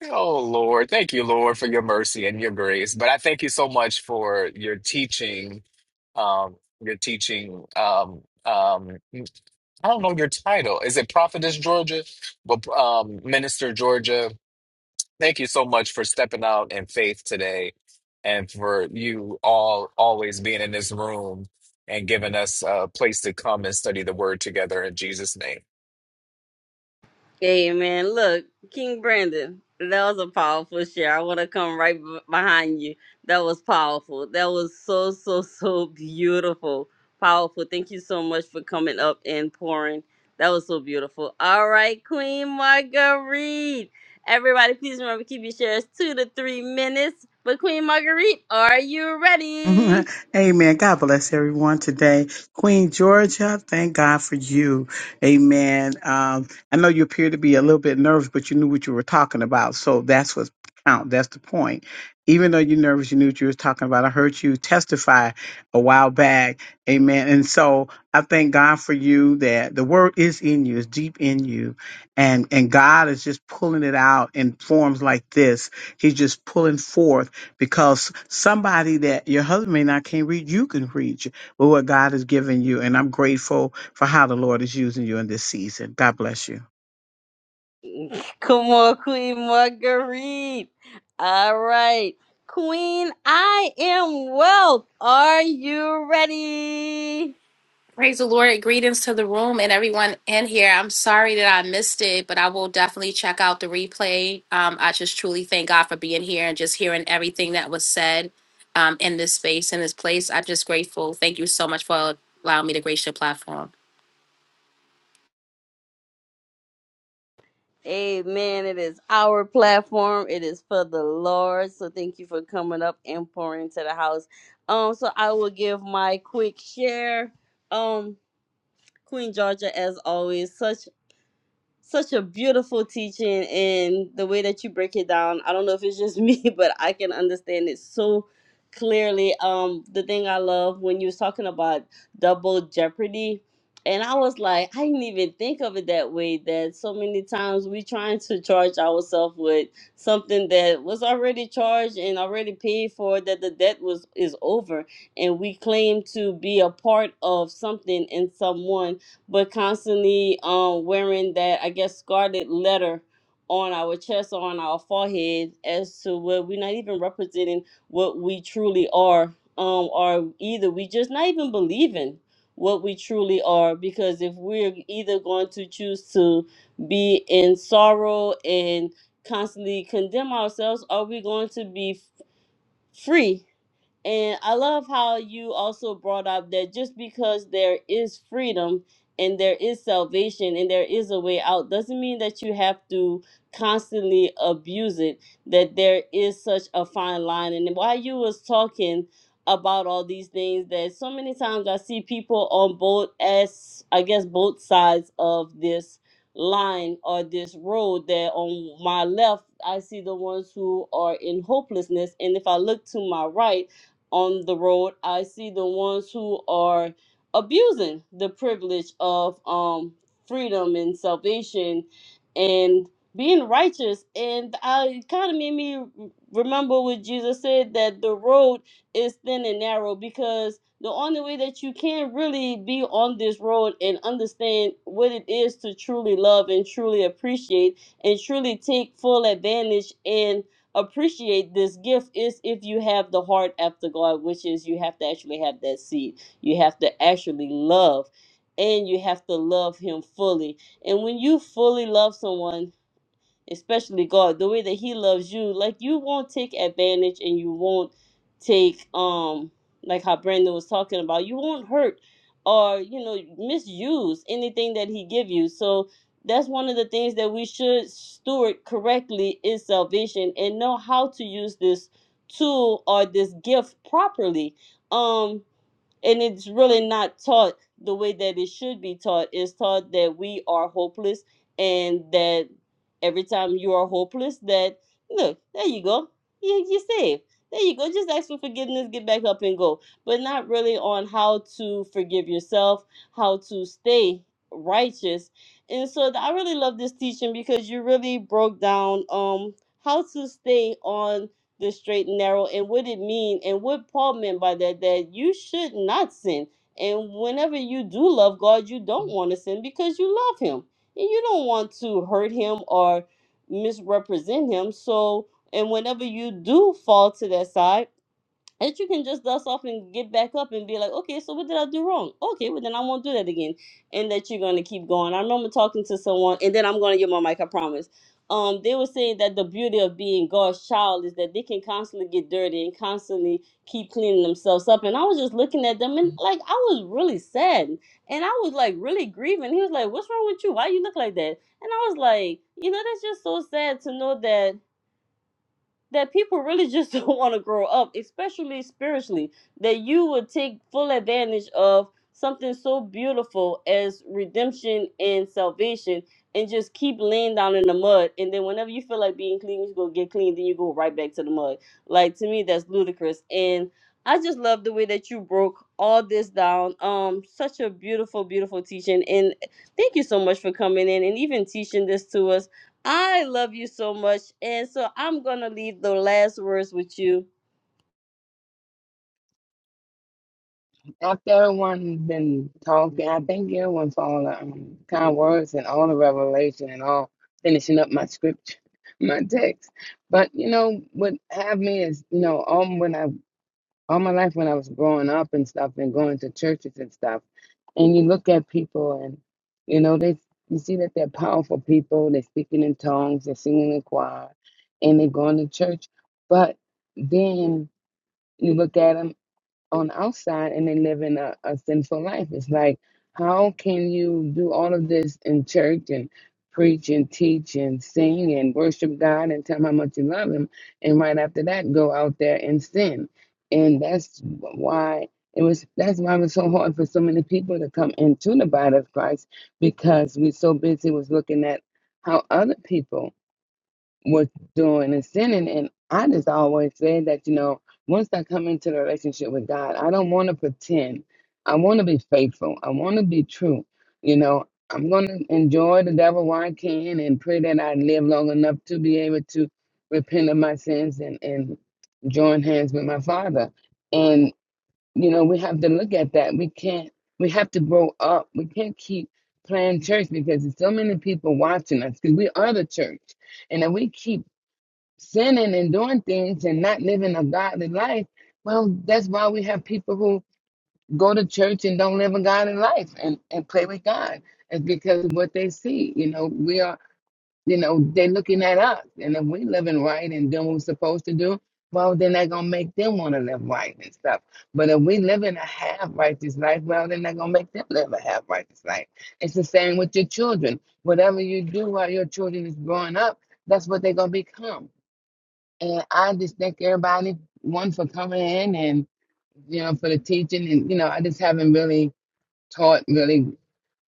[SPEAKER 5] oh Lord, thank you, Lord, for your mercy and your grace. But I thank you so much for your teaching, um, your teaching, um, um, I don't know your title. Is it Prophetess Georgia? Well, um, Minister Georgia Thank you so much for stepping out in faith today and for you all always being in this room and giving us a place to come and study the word together in Jesus' name.
[SPEAKER 1] Hey man, look, King Brandon, that was a powerful share. I want to come right b- behind you. That was powerful. That was so so so beautiful, powerful. Thank you so much for coming up and pouring. That was so beautiful. All right, Queen Marguerite. Everybody, please remember keep your shares two to three minutes. But Queen Marguerite, are you ready?
[SPEAKER 10] [LAUGHS] Amen. God bless everyone today. Queen Georgia, thank God for you. Amen. Um, I know you appear to be a little bit nervous, but you knew what you were talking about. So that's what count. That's the point. Even though you're nervous, you knew what you were talking about. I heard you testify a while back. Amen. And so I thank God for you that the word is in you, it's deep in you. And and God is just pulling it out in forms like this. He's just pulling forth because somebody that your husband may not can read, you can read with what God has given you. And I'm grateful for how the Lord is using you in this season. God bless you.
[SPEAKER 1] Come on, Queen Marguerite. All right. Queen, I am wealth. Are you ready?
[SPEAKER 11] Praise the Lord. Greetings to the room and everyone in here. I'm sorry that I missed it, but I will definitely check out the replay. Um, I just truly thank God for being here and just hearing everything that was said um, in this space, in this place. I'm just grateful. Thank you so much for allowing me to grace your platform.
[SPEAKER 1] Amen. It is our platform. It is for the Lord. So thank you for coming up and pouring into the house. Um, so I will give my quick share. Um, Queen Georgia, as always, such such a beautiful teaching and the way that you break it down. I don't know if it's just [LAUGHS] me, but I can understand it so clearly. Um, the thing I love when you was talking about double jeopardy, and I was like, I didn't even think of it that way. That so many times we trying to charge ourselves with something that was already charged and already paid for, that the debt was is over, and we claim to be a part of something and someone but constantly um wearing that I guess scarlet letter on our chest or on our forehead as to where we're not even representing what we truly are. Um or either we just not even believing what we truly are because if we're either going to choose to be in sorrow and constantly condemn ourselves, are we going to be f- free and I love how you also brought up that just because there is freedom and there is salvation and there is a way out doesn't mean that you have to constantly abuse it that there is such a fine line and while you was talking about all these things that so many times I see people on both as I guess both sides of this line or this road that on my left I see the ones who are in hopelessness and if I look to my right on the road. I see the ones who are abusing the privilege of um freedom and salvation and being righteous. And I it kind of made me remember what Jesus said that the road is thin and narrow because the only way that you can really be on this road and understand what it is to truly love and truly appreciate and truly take full advantage and appreciate this gift is if you have the heart after God, which is you have to actually have that seed. You have to actually love and you have to love him fully. And when you fully love someone, especially God, the way that He loves you, like you won't take advantage and you won't take um like how Brandon was talking about, you won't hurt or you know misuse anything that He give you. So that's one of the things that we should steward correctly is salvation and know how to use this tool or this gift properly. Um, and it's really not taught the way that it should be taught it's taught that we are hopeless and that every time you are hopeless that look there you go you, you're saved there you go just ask for forgiveness get back up and go but not really on how to forgive yourself how to stay righteous and so th- i really love this teaching because you really broke down um how to stay on the straight and narrow and what it mean and what Paul meant by that that you should not sin. And whenever you do love God, you don't want to sin because you love him. And you don't want to hurt him or misrepresent him. So and whenever you do fall to that side, that you can just dust off and get back up and be like, okay, so what did I do wrong? Okay, well then I won't do that again, and that you're gonna keep going. I remember talking to someone, and then I'm gonna get my mic, I promise. Um, they were saying that the beauty of being God's child is that they can constantly get dirty and constantly keep cleaning themselves up. And I was just looking at them, and like I was really sad, and I was like really grieving. He was like, "What's wrong with you? Why you look like that?" And I was like, you know, that's just so sad to know that that people really just [LAUGHS] don't want to grow up, especially spiritually, that you would take full advantage of something so beautiful as redemption and salvation and just keep laying down in the mud. And then whenever you feel like being clean, you go get clean, then you go right back to the mud. Like to me, that's ludicrous. And I just love the way that you broke all this down. Um, such a beautiful, beautiful teaching. And thank you so much for coming in and even teaching this to us I love you so much. And so I'm going to leave the last words with you.
[SPEAKER 3] After everyone's been talking, I thank everyone for all the um, kind words and all the revelation and all finishing up my script, [LAUGHS] my text. But you know what have me is you know all when I all my life when I was growing up and stuff and going to churches and stuff, and you look at people and you know they you see that they're powerful people. They're speaking in tongues, they're singing in choir, and they're going to church. But then you look at 'em on outside and they live in a, a sinful life. It's like, how can you do all of this in church and preach and teach and sing and worship God and tell him how much you love him, and right after that go out there and sin? And that's why it was. That's why it was so hard for so many people to come into the body of Christ because we're so busy was looking at how other people was doing and sinning. And I just always said that, you know, once I come into the relationship with God, I don't want to pretend. I want to be faithful. I want to be true. You know, I'm going to enjoy the devil while I can and pray that I live long enough to be able to repent of my sins and, and join hands with my Father. And, you know, we have to look at that. We can't, we have to grow up. We can't keep playing church because there's so many people watching us because we are the church. And if we keep sinning and doing things and not living a godly life, well, that's why we have people who go to church and don't live a godly life and, and play with God. It's because of what they see. You know, we are, you know, they're looking at us. And if we living right and doing what we're supposed to do, well, then they're going to make them want to live right and stuff. But if we live in a half righteous life, well, then they're going to make them live a half righteous life. It's the same with your children. Whatever you do while your children is growing up, that's what they're going to become and I just thank everybody, one for coming in and, you know, for the teaching. And, you know, I just haven't really taught really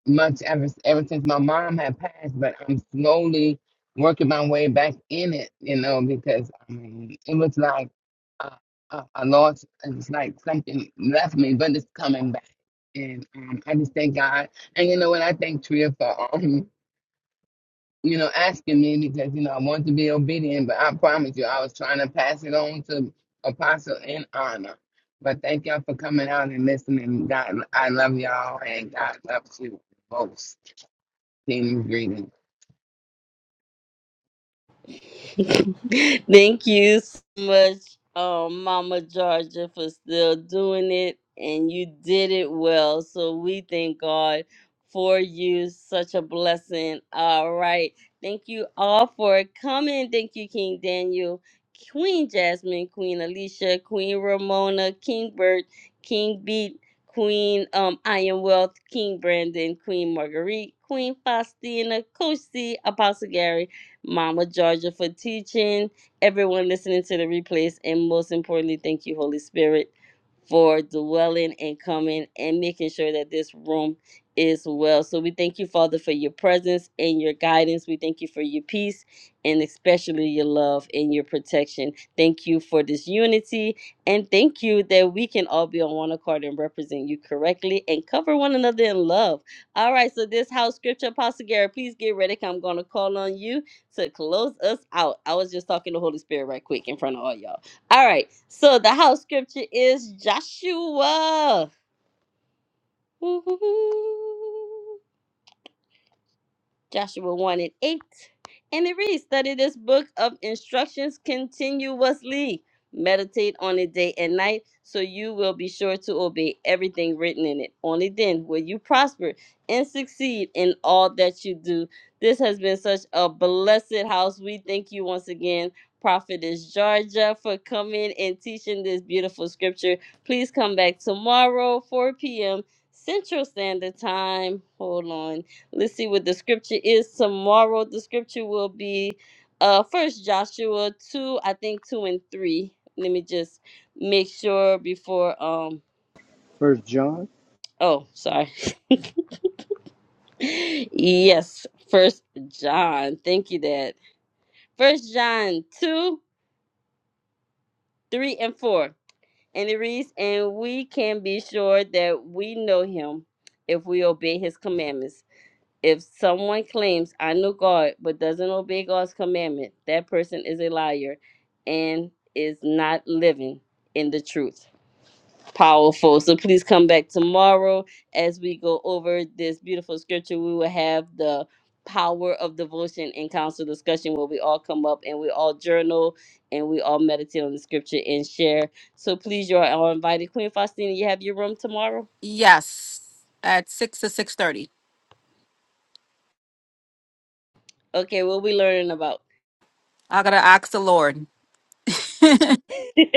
[SPEAKER 3] much ever, ever since my mom had passed, but I'm slowly working my way back in it, you know, because I mean, it was like a, a, a loss. It's like something left me, but it's coming back. And um, I just thank God. And, you know what? I thank Tria for. [LAUGHS] you know, asking me because, you know, I want to be obedient, but I promise you, I was trying to pass it on to Apostle in honor. But thank y'all for coming out and listening. God, I love y'all, and God loves you most. Team greetings.
[SPEAKER 1] [LAUGHS] Thank you so much, um, Mama Georgia, for still doing it. And you did it well. So we thank God for you. Such a blessing. All right. Thank you all for coming. Thank you, King Daniel, Queen Jasmine, Queen Alicia, Queen Ramona, King Bert, King Beat, Queen um, I Am Wealth, King Brandon, Queen Marguerite, Queen Faustina, Coach C, Apostle Gary. Mama Georgia, for teaching, everyone listening to the replays, and most importantly, thank you, Holy Spirit, for dwelling and coming and making sure that this room is well. So we thank you, Father, for your presence and your guidance. We thank you for your peace and especially your love and your protection. Thank you for this unity. And thank you that we can all be on one accord and represent you correctly and cover one another in love. All right, so this house scripture, Apostle Gary, please get ready. 'cause I'm going to call on you to close us out. I was just talking to Holy Spirit right quick in front of all y'all. All right. So the house scripture is Joshua. Woo-hoo-hoo. Joshua 1 and 8. And it reads, Study this book of instructions continuously. Meditate on it day and night, so you will be sure to obey everything written in it. Only then will you prosper and succeed in all that you do. This has been such a blessed house. We thank you once again, Prophetess Georgia, for coming and teaching this beautiful scripture. Please come back tomorrow, 4 p.m. Central Standard Time. Hold on. Let's see what the scripture is tomorrow. The scripture will be uh first Joshua 2, I think 2 and 3. Let me just make sure before um
[SPEAKER 6] First John,
[SPEAKER 1] oh, sorry. [LAUGHS] yes, first John. Thank you, Dad. First John 2, 3 and 4. And it reads, and we can be sure that we know him if we obey his commandments. If someone claims, I know God, but doesn't obey God's commandment, that person is a liar and is not living in the truth. Powerful. So please come back tomorrow as we go over this beautiful scripture. We will have the power of devotion and council discussion where we all come up and we all journal and we all meditate on the scripture and share. So please, you are all invited. Queen Faustina, you have your room tomorrow?
[SPEAKER 4] Yes, at 6 to 6.30.
[SPEAKER 1] Okay, what we learning about?
[SPEAKER 4] I got to ask the Lord.
[SPEAKER 1] [LAUGHS]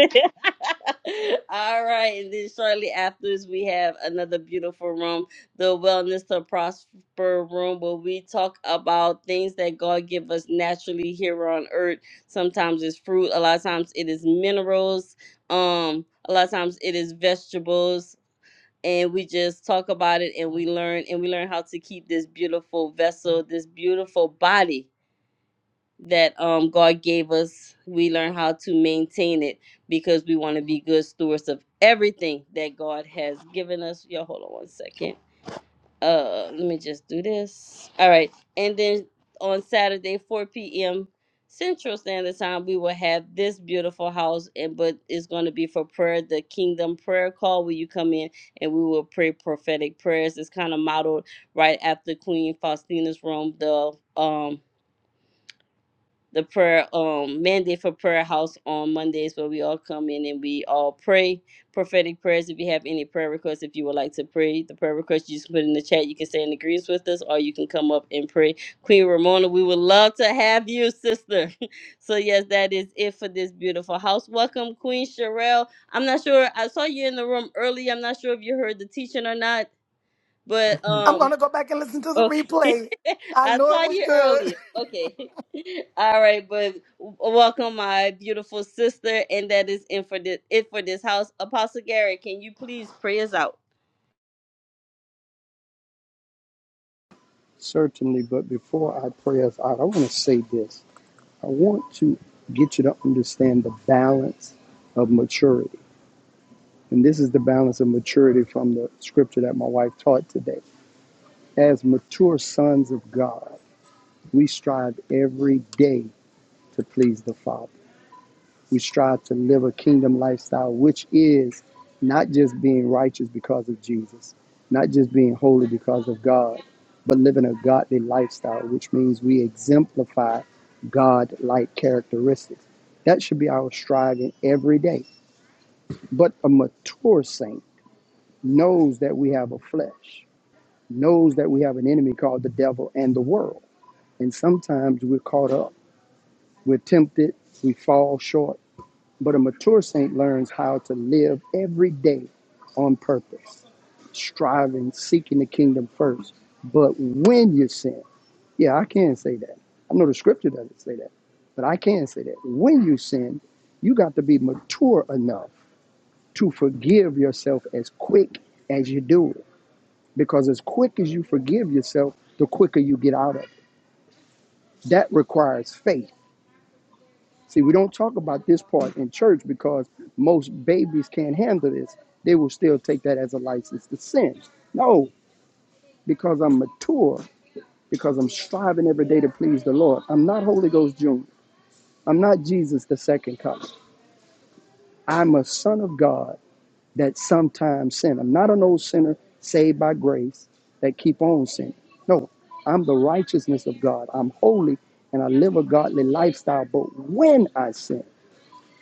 [SPEAKER 1] All right, and then shortly afterwards, we have another beautiful room, the Wellness to Prosper room, where we talk about things that God give us naturally here on earth. Sometimes it's fruit, a lot of times it is minerals, um, a lot of times it is vegetables, and we just talk about it and we learn and we learn how to keep this beautiful vessel, this beautiful body that um, God gave us, we learn how to maintain it because we want to be good stewards of everything that God has given us. Yo, hold on one second. Uh, let me just do this. All right, and then on Saturday, 4 p.m. Central Standard Time, we will have this beautiful house, and but it's going to be for prayer, the Kingdom Prayer Call, where you come in and we will pray prophetic prayers. It's kind of modeled right after Queen Faustina's room, the um the prayer um mandate for prayer house on Mondays where we all come in and we all pray prophetic prayers. If you have any prayer requests, if you would like to pray, the prayer request you just put in the chat. You can stay in agreement with us or you can come up and pray. Queen Ramona, we would love to have you, sister. [LAUGHS] so yes, that is it for this beautiful house. Welcome, Queen Sherelle. I'm not sure I saw you in the room early. I'm not sure if you heard the teaching or not, but
[SPEAKER 12] I'm
[SPEAKER 1] um
[SPEAKER 12] gonna go back and listen to the
[SPEAKER 1] Okay.
[SPEAKER 12] replay.
[SPEAKER 1] [LAUGHS]
[SPEAKER 12] I
[SPEAKER 1] I
[SPEAKER 12] know
[SPEAKER 1] saw
[SPEAKER 12] it was
[SPEAKER 1] you
[SPEAKER 12] good.
[SPEAKER 1] earlier. Okay. [LAUGHS] All right, but w- welcome my beautiful sister, and that is in for this, it for this house. Apostle Gary, can you please pray us out?
[SPEAKER 6] certainly. But before I pray us out, I want to say this. I want to get you to understand the balance of maturity. And this is the balance of maturity from the scripture that my wife taught today As mature sons of God, we strive every day to please the Father. We strive to live a kingdom lifestyle, which is not just being righteous because of Jesus, not just being holy because of God, but living a godly lifestyle, which means we exemplify God like characteristics. That should be our striving every day. But a mature saint knows that we have a flesh, knows that we have an enemy called the devil and the world And sometimes we're caught up, we're tempted, we fall short. But a mature saint learns how to live every day on purpose, striving, seeking the kingdom first. But when you sin, yeah, I can say that. I know the scripture doesn't say that, but I can say that. When you sin, you got to be mature enough to forgive yourself as quick as you do it. Because as quick as you forgive yourself, the quicker you get out of it. That requires faith See, we don't talk about this part in church because most babies can't handle this. They will still take that as a license to sin. No, because I'm mature, because I'm striving every day to please the Lord. I'm not Holy Ghost Junior. I'm not Jesus the second coming. I'm a son of God that sometimes sin. I'm not an old sinner saved by grace that keep on sinning. No, I'm the righteousness of God. I'm holy and I live a godly lifestyle. But when I sin,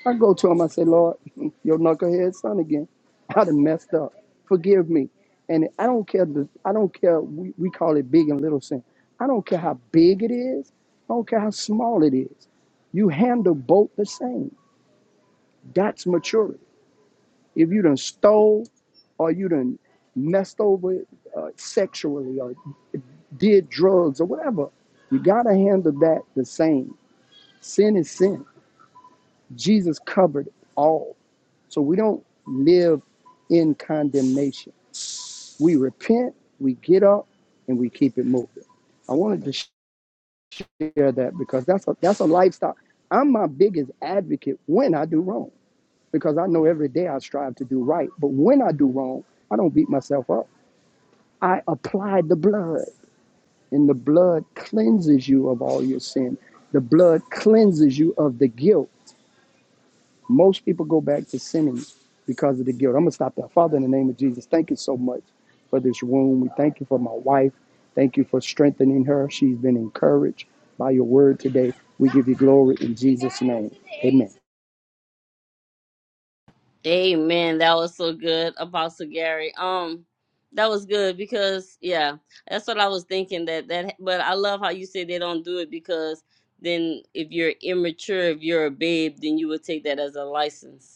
[SPEAKER 6] I go to him, I say, Lord, [LAUGHS] your knucklehead son again. [LAUGHS] I done messed up. Forgive me. And I don't care, the, I don't care, we, we call it big and little sin. I don't care how big it is. I don't care how small it is. You handle both the same. That's maturity. If you done stole or you done messed over uh, sexually or did drugs or whatever, you got to handle that the same. Sin is sin. Jesus covered all. So we don't live in condemnation. We repent, we get up, and we keep it moving. I wanted to share that because that's a that's a lifestyle. I'm my biggest advocate when I do wrong because I know every day I strive to do right. But when I do wrong, I don't beat myself up. I apply the blood, and the blood cleanses you of all your sin. The blood cleanses you of the guilt. Most people go back to sinning because of the guilt. I'm going to stop there. Father, in the name of Jesus, thank you so much for this room. We thank you for my wife. Thank you for strengthening her. She's been encouraged by your word today. We give you glory in Jesus' name. Amen.
[SPEAKER 1] Amen. That was so good, Apostle Gary. Um, that was good because yeah, that's what I was thinking. That that, but I love how you say they don't do it because then if you're immature, if you're a babe, then you would take that as a license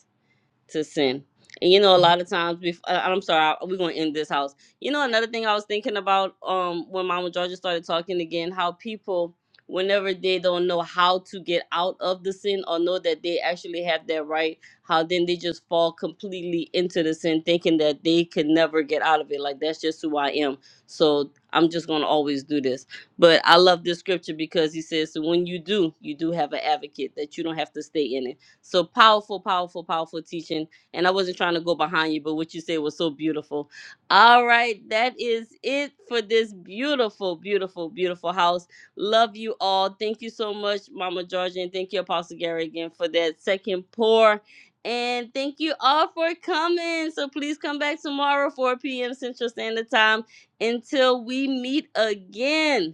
[SPEAKER 1] to sin. And you know, a lot of times, bef- uh, I'm sorry, I, we're gonna end this house. You know, another thing I was thinking about um when Mama Georgia started talking again, how people, whenever they don't know how to get out of the sin or know that they actually have that right, how then they just fall completely into the sin, thinking that they can never get out of it. Like that's just who I am. So I'm just gonna always do this. But I love this scripture because he says, so when you do, you do have an advocate that you don't have to stay in it. So powerful, powerful, powerful teaching. And I wasn't trying to go behind you, but what you said was so beautiful. All right, that is it for this beautiful, beautiful, beautiful house. Love you all. Thank you so much, Mama Georgia, and thank you, Apostle Gary, again for that second pour. And thank you all for coming. So please come back tomorrow, 4 p.m. Central Standard Time, until we meet again.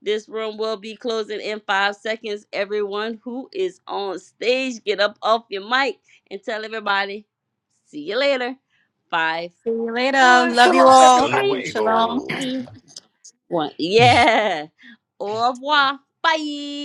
[SPEAKER 1] This room will be closing in five seconds. Everyone who is on stage, get up off your mic and tell everybody, see you later. Five,
[SPEAKER 4] See you later.
[SPEAKER 12] [LAUGHS]
[SPEAKER 1] four,
[SPEAKER 4] Love you
[SPEAKER 12] Shalom,
[SPEAKER 5] Hasta
[SPEAKER 4] all.
[SPEAKER 12] everybody.
[SPEAKER 1] three,
[SPEAKER 4] Shalom.
[SPEAKER 5] luego.
[SPEAKER 1] two, one. Yeah. Au
[SPEAKER 5] [LAUGHS]
[SPEAKER 1] revoir. Bye.